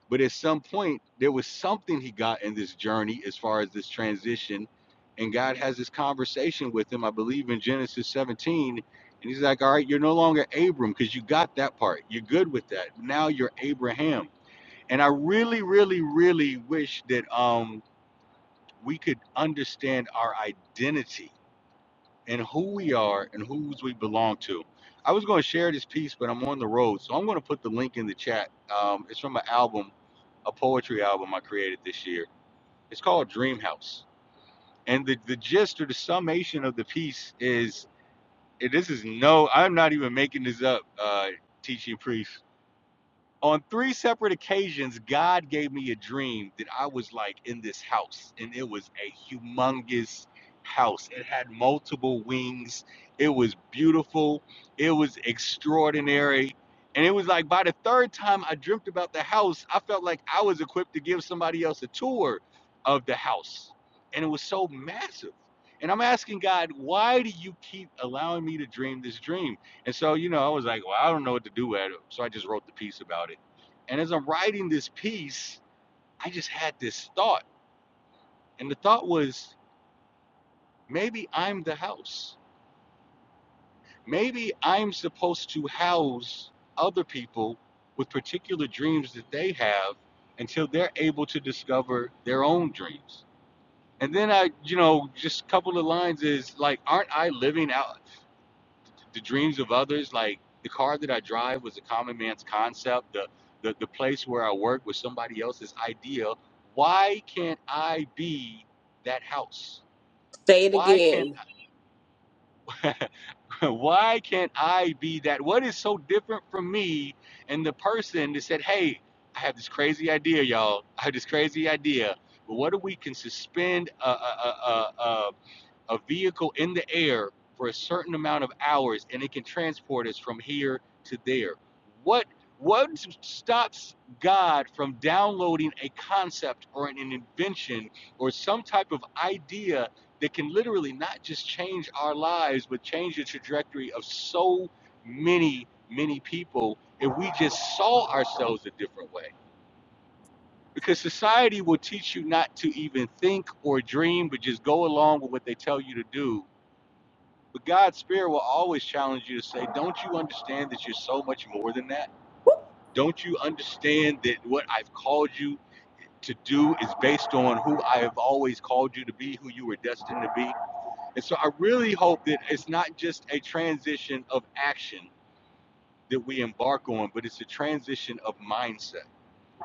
Speaker 6: but at some point there was something he got in this journey as far as this transition. And God has this conversation with him, I believe in Genesis 17. And he's like, All right, you're no longer Abram because you got that part. You're good with that. Now you're Abraham and I really, really, really wish that um, we could understand our identity and who we are and whose we belong to. I was going to share this piece, but I'm on the road, so I'm going to put the link in the chat. Um, it's from an album, a poetry album I created this year. It's called Dream House, and the the gist or the summation of the piece is eh, this is no, I'm not even making this up, uh, teaching priest. on three separate occasions, God gave me a dream that I was like in this house, and it was a humongous house. It had multiple wings. It was beautiful. It was extraordinary. And it was like by the third time I dreamt about the house, I felt like I was equipped to give somebody else a tour of the house. And it was so massive. And I'm asking God, why do you keep allowing me to dream this dream? And so, you know, I was like, well, I don't know what to do with it. So I just wrote the piece about it. And as I'm writing this piece, I just had this thought. And the thought was maybe I'm the house. Maybe I'm supposed to house other people with particular dreams that they have until they're able to discover their own dreams. And then I, you know, just a couple of lines is like, aren't I living out? the dreams of others. Like the car that I drive was a common man's concept. The the, the place where I work was somebody else's idea. Why can't I be that house?
Speaker 4: Say it
Speaker 6: Why can't
Speaker 4: again.
Speaker 6: why can't I be that? What is so different from me and the person that said, Hey, I have this crazy idea, y'all. I have this crazy idea. But what if we can suspend a, a, a a." a vehicle in the air for a certain amount of hours and it can transport us from here to there. What what stops God from downloading a concept or an invention or some type of idea that can literally not just change our lives but change the trajectory of so many many people if we just saw ourselves a different way? Because society will teach you not to even think or dream but just go along with what they tell you to do but God's spirit will always challenge you to say, Don't you understand that you're so much more than that? Don't you understand that what I've called you to do is based on who I have always called you to be, who you were destined to be? And so I really hope that it's not just a transition of action that we embark on, but it's a transition of mindset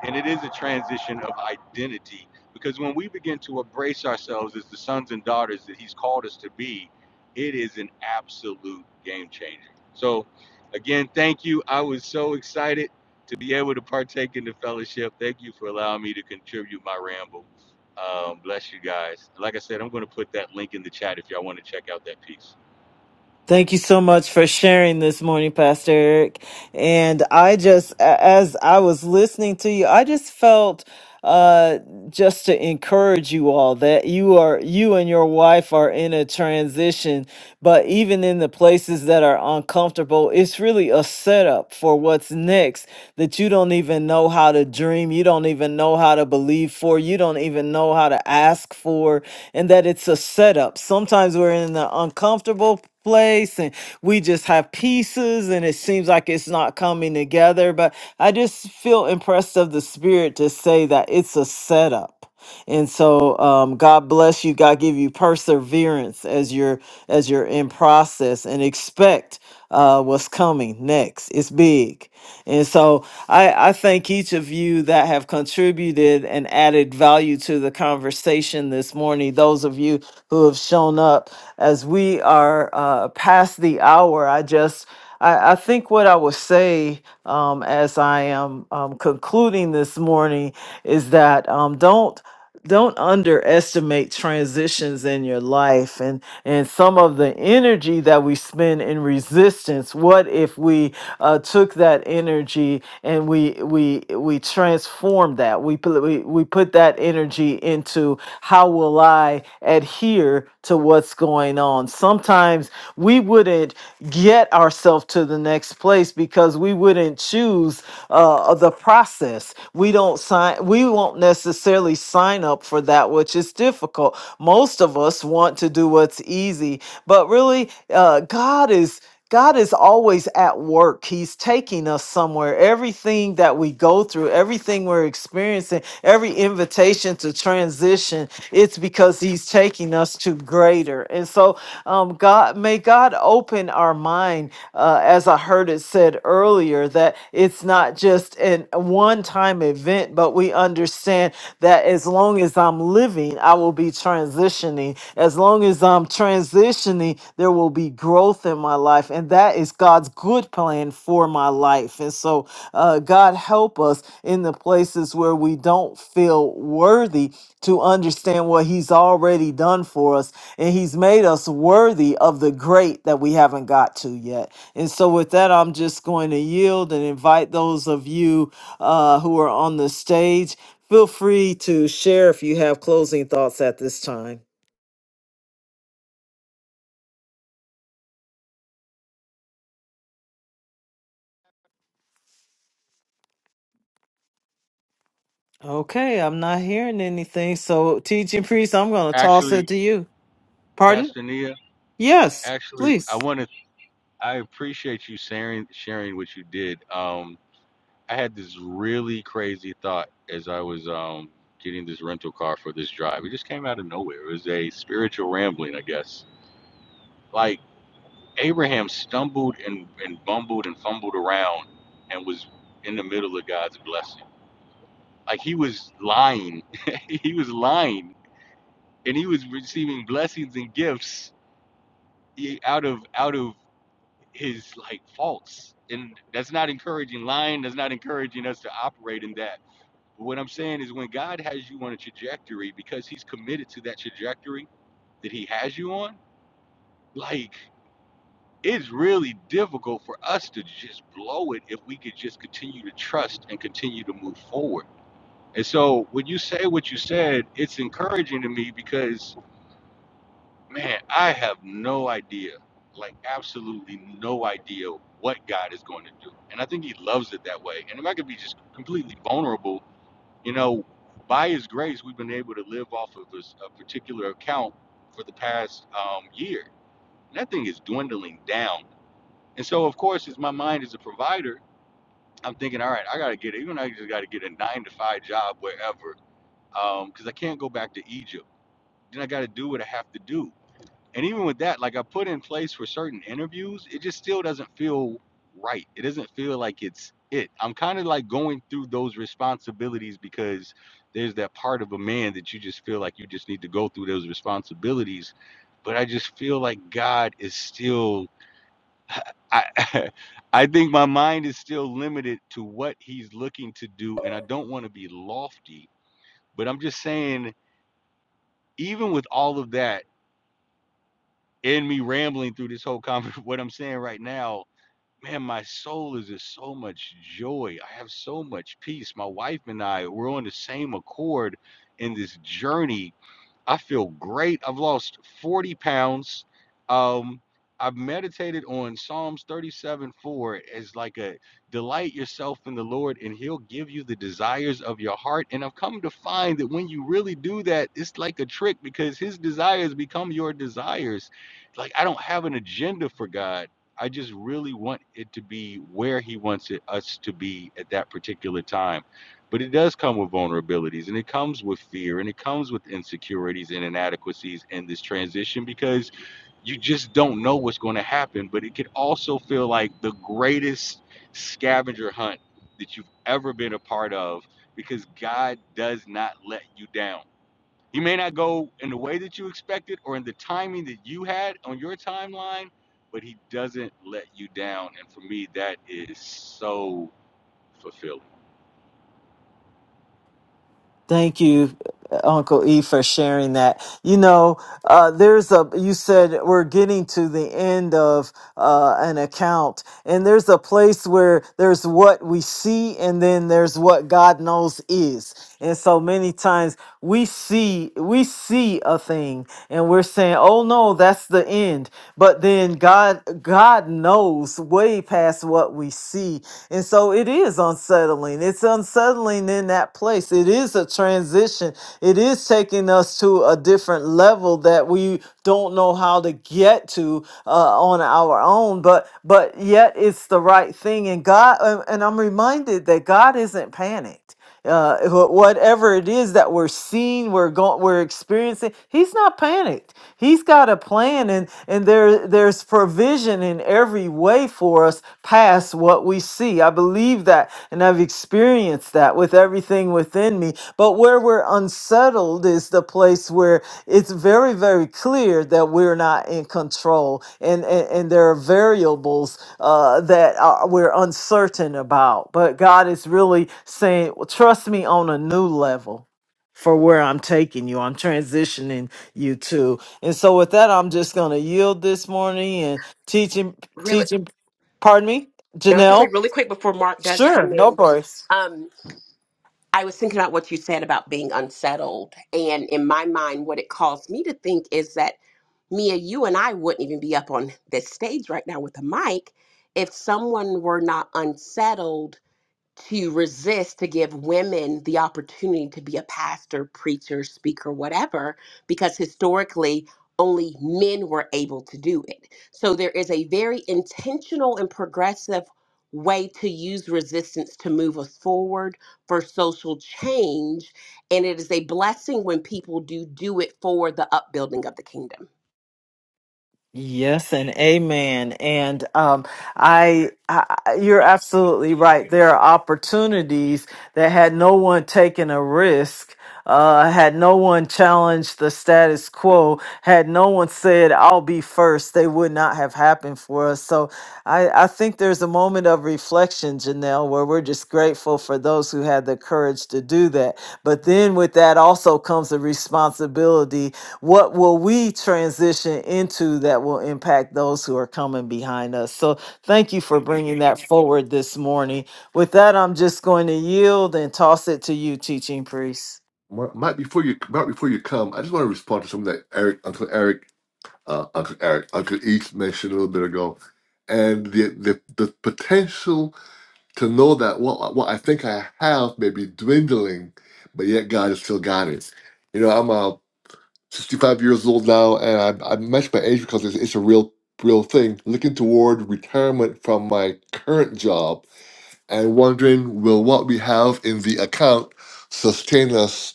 Speaker 6: and it is a transition of identity because when we begin to embrace ourselves as the sons and daughters that He's called us to be, it is an absolute game changer. So, again, thank you. I was so excited to be able to partake in the fellowship. Thank you for allowing me to contribute my ramble. Um, bless you guys. Like I said, I'm going to put that link in the chat if y'all want to check out that piece.
Speaker 3: Thank you so much for sharing this morning, Pastor Eric. And I just, a- as I was listening to you, I just felt uh just to encourage you all that you are you and your wife are in a transition but even in the places that are uncomfortable, it's really a setup for what's next that you don't even know how to dream, you don't even know how to believe for, you don't even know how to ask for, and that it's a setup. Sometimes we're in the uncomfortable place and we just have pieces and it seems like it's not coming together. But I just feel impressed of the spirit to say that it's a setup and so um, god bless you god give you perseverance as you're as you're in process and expect uh, what's coming next it's big and so i i thank each of you that have contributed and added value to the conversation this morning those of you who have shown up as we are uh, past the hour i just I, I think what I would say um, as I am um, concluding this morning is that um, don't don't underestimate transitions in your life and and some of the energy that we spend in resistance what if we uh, took that energy and we we we transformed that we put we, we put that energy into how will I adhere to what's going on? Sometimes we wouldn't get ourselves to the next place because we wouldn't choose uh, the process. We don't sign, we won't necessarily sign up for that which is difficult. Most of us want to do what's easy, but really, uh, God is. God is always at work. He's taking us somewhere. Everything that we go through, everything we're experiencing, every invitation to transition, it's because He's taking us to greater. And so, um, God, may God open our mind, uh, as I heard it said earlier, that it's not just an one time event, but we understand that as long as I'm living, I will be be transitioning. As long as I'm transitioning, there will be growth in my life. And that is God's good plan for my life. And so, uh, God, help us in the places where we don't feel worthy to understand what He's already done for us. And He's made us worthy of the great that we haven't got to yet. And so, with that, I'm just going to yield and invite those of you uh, who are on the stage Feel free to share if you have closing thoughts at this time. Okay, I'm not hearing anything. So, teaching priest, I'm going to toss it
Speaker 6: Actually,
Speaker 3: to you. Pardon?
Speaker 6: Pastor Nia,
Speaker 3: Yes,
Speaker 6: actually, I
Speaker 3: please.
Speaker 6: want to. I appreciate you sharing sharing what you did. Um, I had this really crazy thought as I was um, getting this rental car for this drive. It just came out of nowhere. It was a spiritual rambling, I guess. Like Abraham stumbled and, and bumbled and fumbled around and was in the middle of God's blessing. Like he was lying. he was lying. And he was receiving blessings and gifts he- out of out of his like faults. And that's not encouraging. Lying that's not encouraging us to operate in that What I'm saying is when God has you on a trajectory because he's committed to that trajectory that he has you on, like it's really difficult for us to just blow it if we could just continue to trust and continue to move forward. And so when you say what you said, it's encouraging to me because man, I have no idea, like absolutely no idea what God is going to do. And I think he loves it that way. And if I could be just completely vulnerable you know, by His grace, we've been able to live off of this, a particular account for the past um, year. And that thing is dwindling down. And so, of course, as my mind is a provider, I'm thinking, all right, I got to get it. Even I just got to get a nine to five job wherever, because um, I can't go back to Egypt. Then I got to do what I have to do. And even with that, like I put in place for certain interviews, it just still doesn't feel right. It doesn't feel like it's it. I'm kind of like going through those responsibilities because there's that part of a man that you just feel like you just need to go through those responsibilities. But I just feel like God is still I I think my mind is still limited to what he's looking to do and I don't want to be lofty, but I'm just saying even with all of that in me rambling through this whole conver what I'm saying right now, man, my soul is just so much joy. I have so much peace. My wife and I, we're on the same accord in this journey I feel great. I've lost 40 pounds. Um, I've meditated on Psalms 37 4 as like a delight yourself in the Lord, and He'll give you the desires of your heart. And I've come to find that when you really do that, it's like a trick because His desires become your desires. Like, I don't have an agenda for God. I just really want it to be where He wants it, us to be at that particular time but it does come with vulnerabilities and it comes with fear and it comes with insecurities and inadequacies in this transition because you just don't know what's going to happen but it can also feel like the greatest scavenger hunt that you've ever been a part of because God does not let you down. He may not go in the way that you expected or in the timing that you had on your timeline, but he doesn't let you down and for me that is so fulfilling.
Speaker 3: Thank you, Uncle E, for sharing that. You know, Uh, there's a you said we're getting to the end of uh, an account, and there's a place where there's what we see, and then there's what God knows is. And so many times we see we see a thing, and we're saying, "Oh no, that's the end." But then God God knows way past what we see, and so it is unsettling. It's unsettling in that place. It is a transition. It is taking taking us to a different level that we don't know how to get to uh, on our own but but yet it's the right thing and god and and i'm reminded that god isn't panicked uh, wh- whatever it is that we're seeing, we're going, we're experiencing, he's not panicked. He's got a plan, and and there there's provision in every way for us past what we see. I believe that, and I've experienced that with everything within me. But where we're unsettled is the place where it's very, very clear that we're not in control and, and, and there are variables uh, that are, we're uncertain about. But God is really saying, "Well, trust me on a new level for where I'm taking you. I'm transitioning you to. And so with that, I'm just going to yield this morning and teaching,
Speaker 4: Really,
Speaker 3: teaching, pardon me,
Speaker 4: now I was gonna say
Speaker 3: Janelle?
Speaker 4: really quick before Mark does
Speaker 3: Sure,
Speaker 4: come
Speaker 3: no
Speaker 4: in.
Speaker 3: worries.
Speaker 4: Um, I was thinking about what you said about being unsettled. And in my mind, what it caused me to think is that, Mia, you and I wouldn't even be up on this stage right now with a mic if someone were not unsettled to resist to give women the opportunity to be a pastor, preacher, speaker, whatever, because historically only men were able to do it. So there is a very intentional and progressive way to use resistance to move us forward for social change. And it is a blessing when people do do it for the upbuilding of the kingdom.
Speaker 3: Yes and amen. And um, I, I, you're absolutely right. There are opportunities that had no one taken a risk, uh, had no one challenged the status quo, had no one said, "I'll be first," they would not have happened for us. So I, I think there's a moment of reflection, Janelle, where we're just grateful for those who had the courage to do that. But then with that also comes a responsibility what will we transition into that will impact those who are coming behind us? So, thank you for bringing that forward this morning. With that, I'm just going to yield and toss it to you, teaching priest.
Speaker 1: Mark, Mike, before you, Mark, before you come, I just want to respond to something that Eric, Uncle Eric uh, Uncle Eric, Uncle East mentioned a little bit ago, and the the, the potential to know that what what I think I have may be dwindling, but yet God has still got it. You know, I'm uh, 65 years old now, and I, I mention my age because it's, it's a real real thing. Looking toward retirement from my current job and wondering will what we have in the account sustain us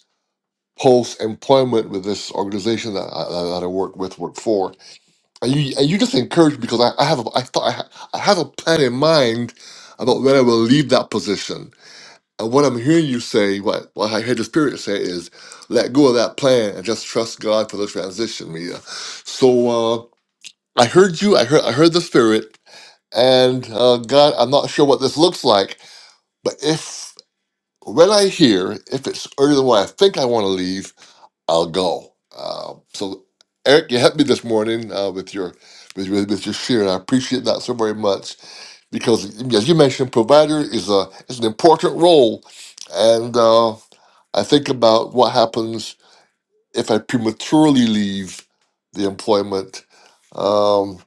Speaker 1: post employment with this organization that I, that I work with work for and you, and you just encouraged me because I, I have a, I thought I, ha, I have a plan in mind about when I will leave that position. And what I'm hearing you say, what, what I heard the Spirit say is, let go of that plan and just trust God for the transition, Mia. So uh, I heard you, I heard, I heard the Spirit, and uh, God, I'm not sure what this looks like, but if when I hear, if it's earlier than what I think I want to leave, I'll go. Um, so, Eric, you helped me this morning uh, with your with, with, with your share, and I appreciate that so very much because, as you mentioned, provider is a is an important role, and uh, I think about what happens if I prematurely leave the employment. Um,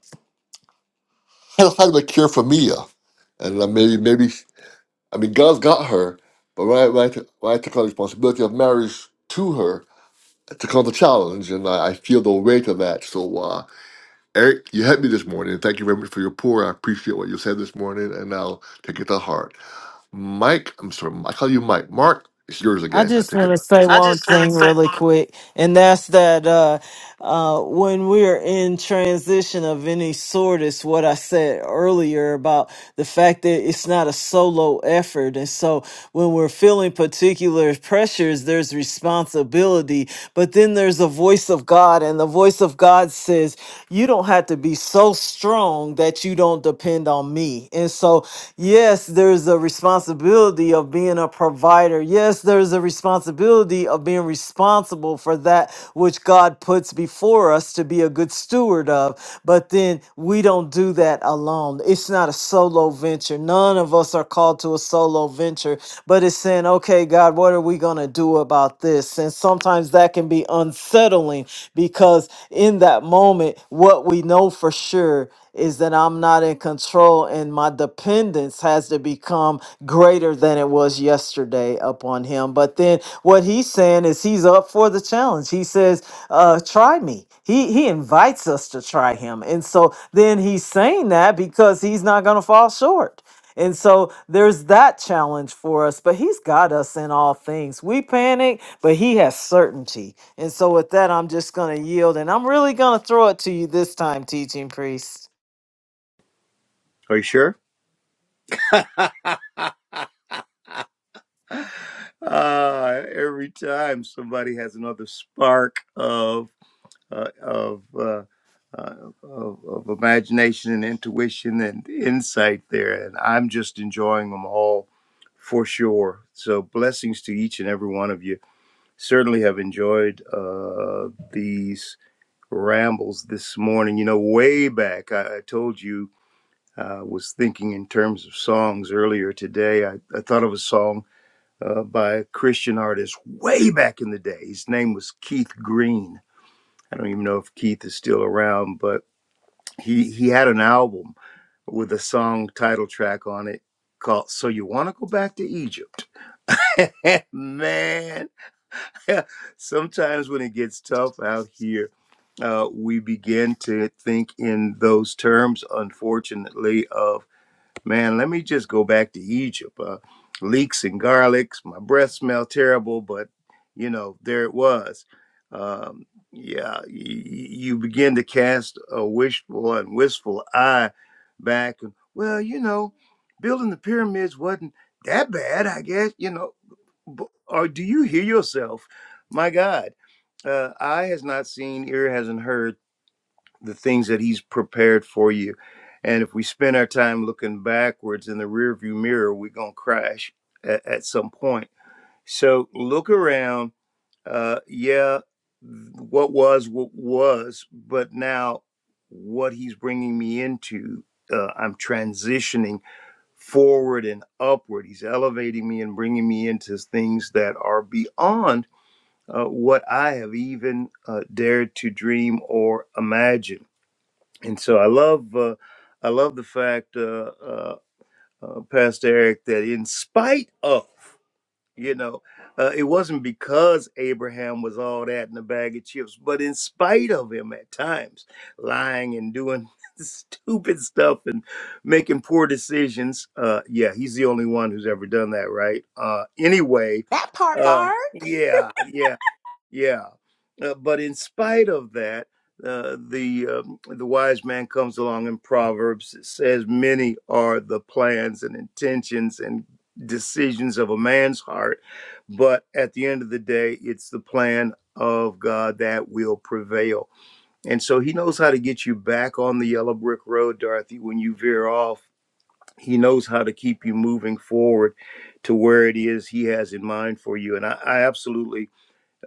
Speaker 1: how, how do I cure for Mia? And uh, maybe maybe I mean God's got her, but when I, when I, took, when I took on the responsibility of marriage to her, to call the challenge, and I, I feel the weight of that. So, uh, Eric, you helped me this morning. Thank you very much for your pour. I appreciate what you said this morning, and I'll take it to heart. Mike, I'm sorry, I call you Mike. Mark, it's yours
Speaker 3: I
Speaker 1: again. I
Speaker 3: just
Speaker 1: take
Speaker 3: want
Speaker 1: it
Speaker 3: to
Speaker 1: back.
Speaker 3: say
Speaker 1: That's it. I
Speaker 3: one
Speaker 1: just want to
Speaker 3: thing really
Speaker 1: say,
Speaker 3: quick, and that's that. uh, when we're in transition of any sort is what I said earlier about the fact that it's not a solo effort. And so when we're feeling particular pressures, there's responsibility, but then there's a voice of God, and the voice of God says, You don't have to be so strong that you don't depend on me. And so, yes, there's a responsibility of being a provider. Yes, there's a responsibility of being responsible for that which God God puts before us to be a good steward of. But then we don't do that alone. It's not a solo venture. None of us are called to a solo venture, but it's saying, okay, God, what are we going to do about this? And sometimes that can be unsettling because in that moment, what we know for sure is that I'm not in control and my dependence has to become greater than it was yesterday upon him. But then what he's saying is he's up for the challenge. He says, uh, try me. He he invites us to try him. And so then he's saying that because he's not going to fall short. And so there's that challenge for us, but he's got us in all things. We panic, but he has certainty. And so with that, I'm just going to yield and I'm really going to throw it to you this time, teaching priest.
Speaker 2: Are you sure? Uh, every time somebody has another spark of uh, of, uh, uh, of of imagination and intuition and insight there, and I'm just enjoying them all for sure. So blessings to each and every one of you. Certainly have enjoyed uh, these rambles this morning. You know, way back I, I told you uh, I was thinking in terms of songs earlier today. I, I thought of a song uh, by a Christian artist way back in the day. His name was Keith Green I don't even know if Keith is still around, but he he had an album with a song title track on it called "So You Want to Go Back to Egypt." Man, sometimes when it gets tough out here, uh, we begin to think in those terms. Unfortunately, of Man, let me just go back to Egypt. Uh, leeks and garlics. My breath smelled terrible, but you know there it was. Um, yeah, y- y- you begin to cast a wishful and wistful eye back, and well, you know, building the pyramids wasn't that bad, I guess. You know, B- or do you hear yourself? My God, uh, eye has not seen, ear hasn't heard the things that he's prepared for you. And if we spend our time looking backwards in the rearview mirror, we're going to crash at, at some point. So look around. Uh, yeah, what was, what was, but now what he's bringing me into, uh, I'm transitioning forward and upward. He's elevating me and bringing me into things that are beyond uh, what I have even uh, dared to dream or imagine and so I love uh, I love the fact, uh, uh, uh, Pastor Eric, that in spite of you know, uh, it wasn't because Abraham was all that in a bag of chips, but in spite of him at times lying and doing stupid stuff and making poor decisions. Uh, yeah, he's the only one who's ever done that, right? Uh, anyway,
Speaker 4: That part,
Speaker 2: uh,
Speaker 4: Mark.
Speaker 2: yeah, yeah. Yeah, uh, but in spite of that, uh, the um, the wise man comes along in Proverbs. It says, "Many are the plans and intentions and decisions of a man's heart, but at the end of the day, it's the plan of God that will prevail." And so He knows how to get you back on the yellow brick road, Dorothy. When you veer off, He knows how to keep you moving forward to where it is He has in mind for you. And I, I absolutely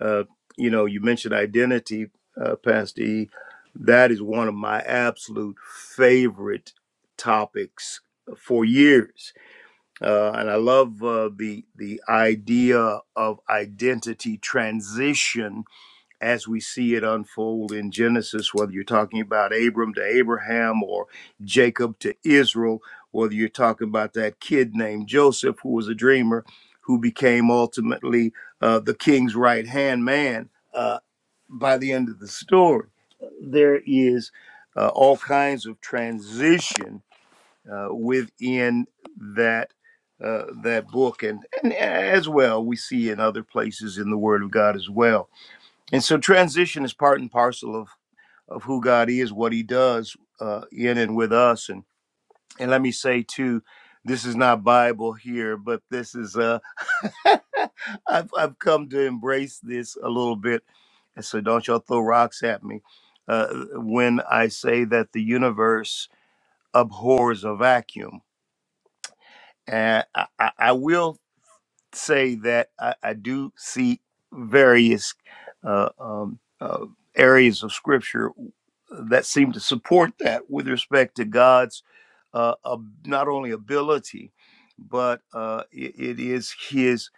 Speaker 2: uh, you know, you mentioned identity, uh, Pastor E. That is one of my absolute favorite topics for years, uh, and I love uh, the the idea of identity transition as we see it unfold in Genesis, whether you're talking about Abram to Abraham or Jacob to Israel, whether you're talking about that kid named Joseph, who was a dreamer, who became ultimately uh, the king's right hand man uh, by the end of the story. There is uh, all kinds of transition uh, within that. Uh, that book and, and as well we see in other places in the word of god as well and so transition is part and parcel of of who God is, what He does uh, in and with us. And and let me say too, this is not Bible here, but this is uh, I've I've come to embrace this a little bit. And so don't y'all throw rocks at me uh, when I say that the universe abhors a vacuum. And I, I, I will say that I, I do see various uh, um, uh, areas of scripture that seem to support that with respect to God's uh, ab- not only ability, but uh, i- it is His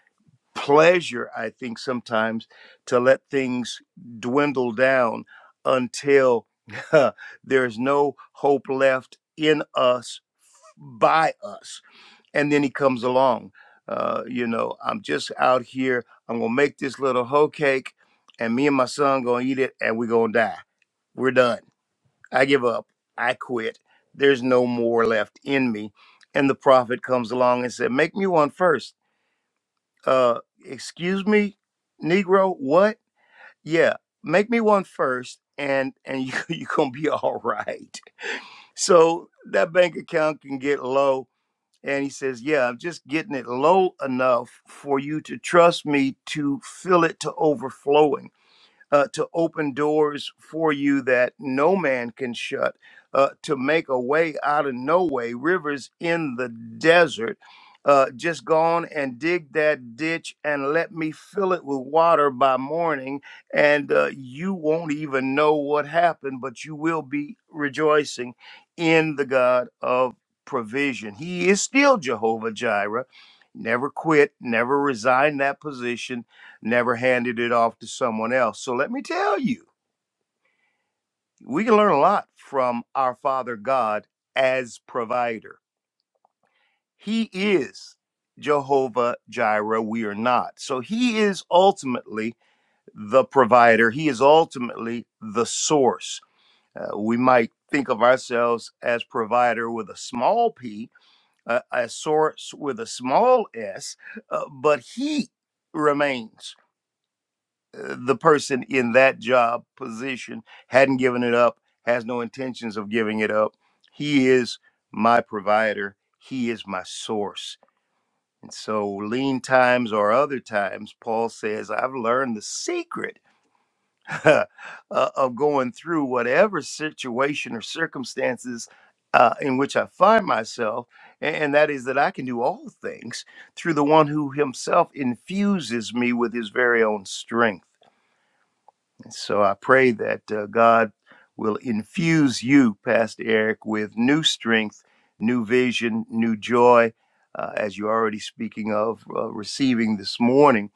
Speaker 2: pleasure, I think, sometimes to let things dwindle down until there's no hope left in us by us and then he comes along. Uh, you know, I'm just out here. I'm gonna make this little hoe cake, and me and my son gonna eat it, and we're gonna die. We're done. I give up. I quit. There's no more left in me. And the prophet comes along and said, "Make me one first. Uh, excuse me, Negro. What? Yeah, make me one first, and and you you gonna be all right. So that bank account can get low and he says, Yeah, I'm just getting it low enough for you to trust me to fill it to overflowing uh, to open doors for you that no man can shut, uh, to make a way out of no way, rivers in the desert. Uh, just go on and dig that ditch and let me fill it with water by morning, and uh, you won't even know what happened, but you will be rejoicing in the God of provision. He is still Jehovah Jireh. Never quit, never resign that position never handed it off to someone else. So let me tell you, we can learn a lot from our Father God as provider. He is Jehovah Jireh, we are not. So he is ultimately the provider, he is ultimately the source. Uh, we might think of ourselves as provider with a small p, uh, a source with a small s, uh, but he remains. uh, the person in that job position hadn't given it up, has no intentions of giving it up. He is my provider, he is my source. And so, lean times or other times, Paul says, I've learned the secret uh, of going through whatever situation or circumstances uh, in which I find myself. a- And that is that I can do all things through the one who himself infuses me with his very own strength. So I pray that uh, God will infuse you, Pastor Eric, with new strength, new vision, new joy, uh, as you're already speaking of uh, receiving this morning,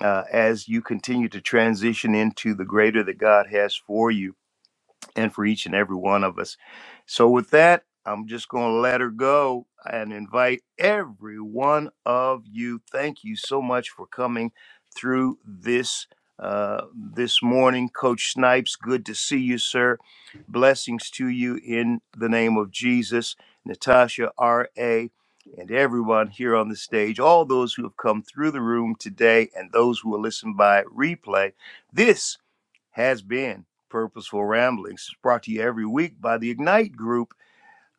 Speaker 2: uh, as you continue to transition into the greater that God has for you and for each and every one of us. So, with that, I'm just going to let her go and invite every one of you. Thank you so much for coming through this uh, this morning, Coach Snipes. Good to see you, sir. Blessings to you in the name of Jesus, Natasha R. A. And everyone here on the stage, all those who have come through the room today, and those who will listen by replay. This has been Purposeful Ramblings, brought to you every week by the Ignite Group.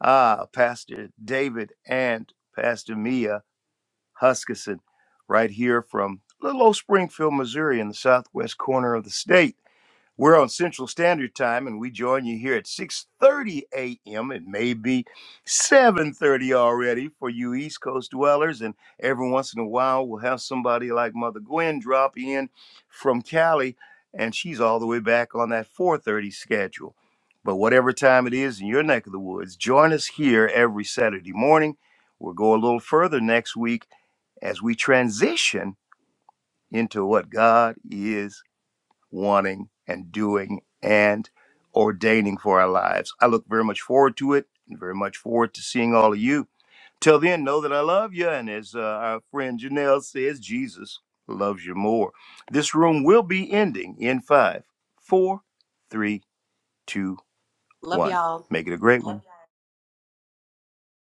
Speaker 2: Ah, Pastor David and Pastor Mia Huskisson, right here from little old Springfield, Missouri, in the southwest corner of the state. We're on Central Standard Time, and we join you here at 6:30 a.m. It may be 7:30 already for you East Coast dwellers, and every once in a while we'll have somebody like Mother Gwen drop in from Cali, and she's all the way back on that 4:30 schedule. But whatever time it is in your neck of the woods, join us here every Saturday morning. We'll go a little further next week as we transition into what God is wanting and doing and ordaining for our lives. I look very much forward to it and very much forward to seeing all of you. Till then, know that I love you. And as uh, our friend Janelle says, Jesus loves you more. This room will be ending in five, four, three, two,
Speaker 4: Love
Speaker 2: one.
Speaker 4: y'all.
Speaker 2: Make it a great one.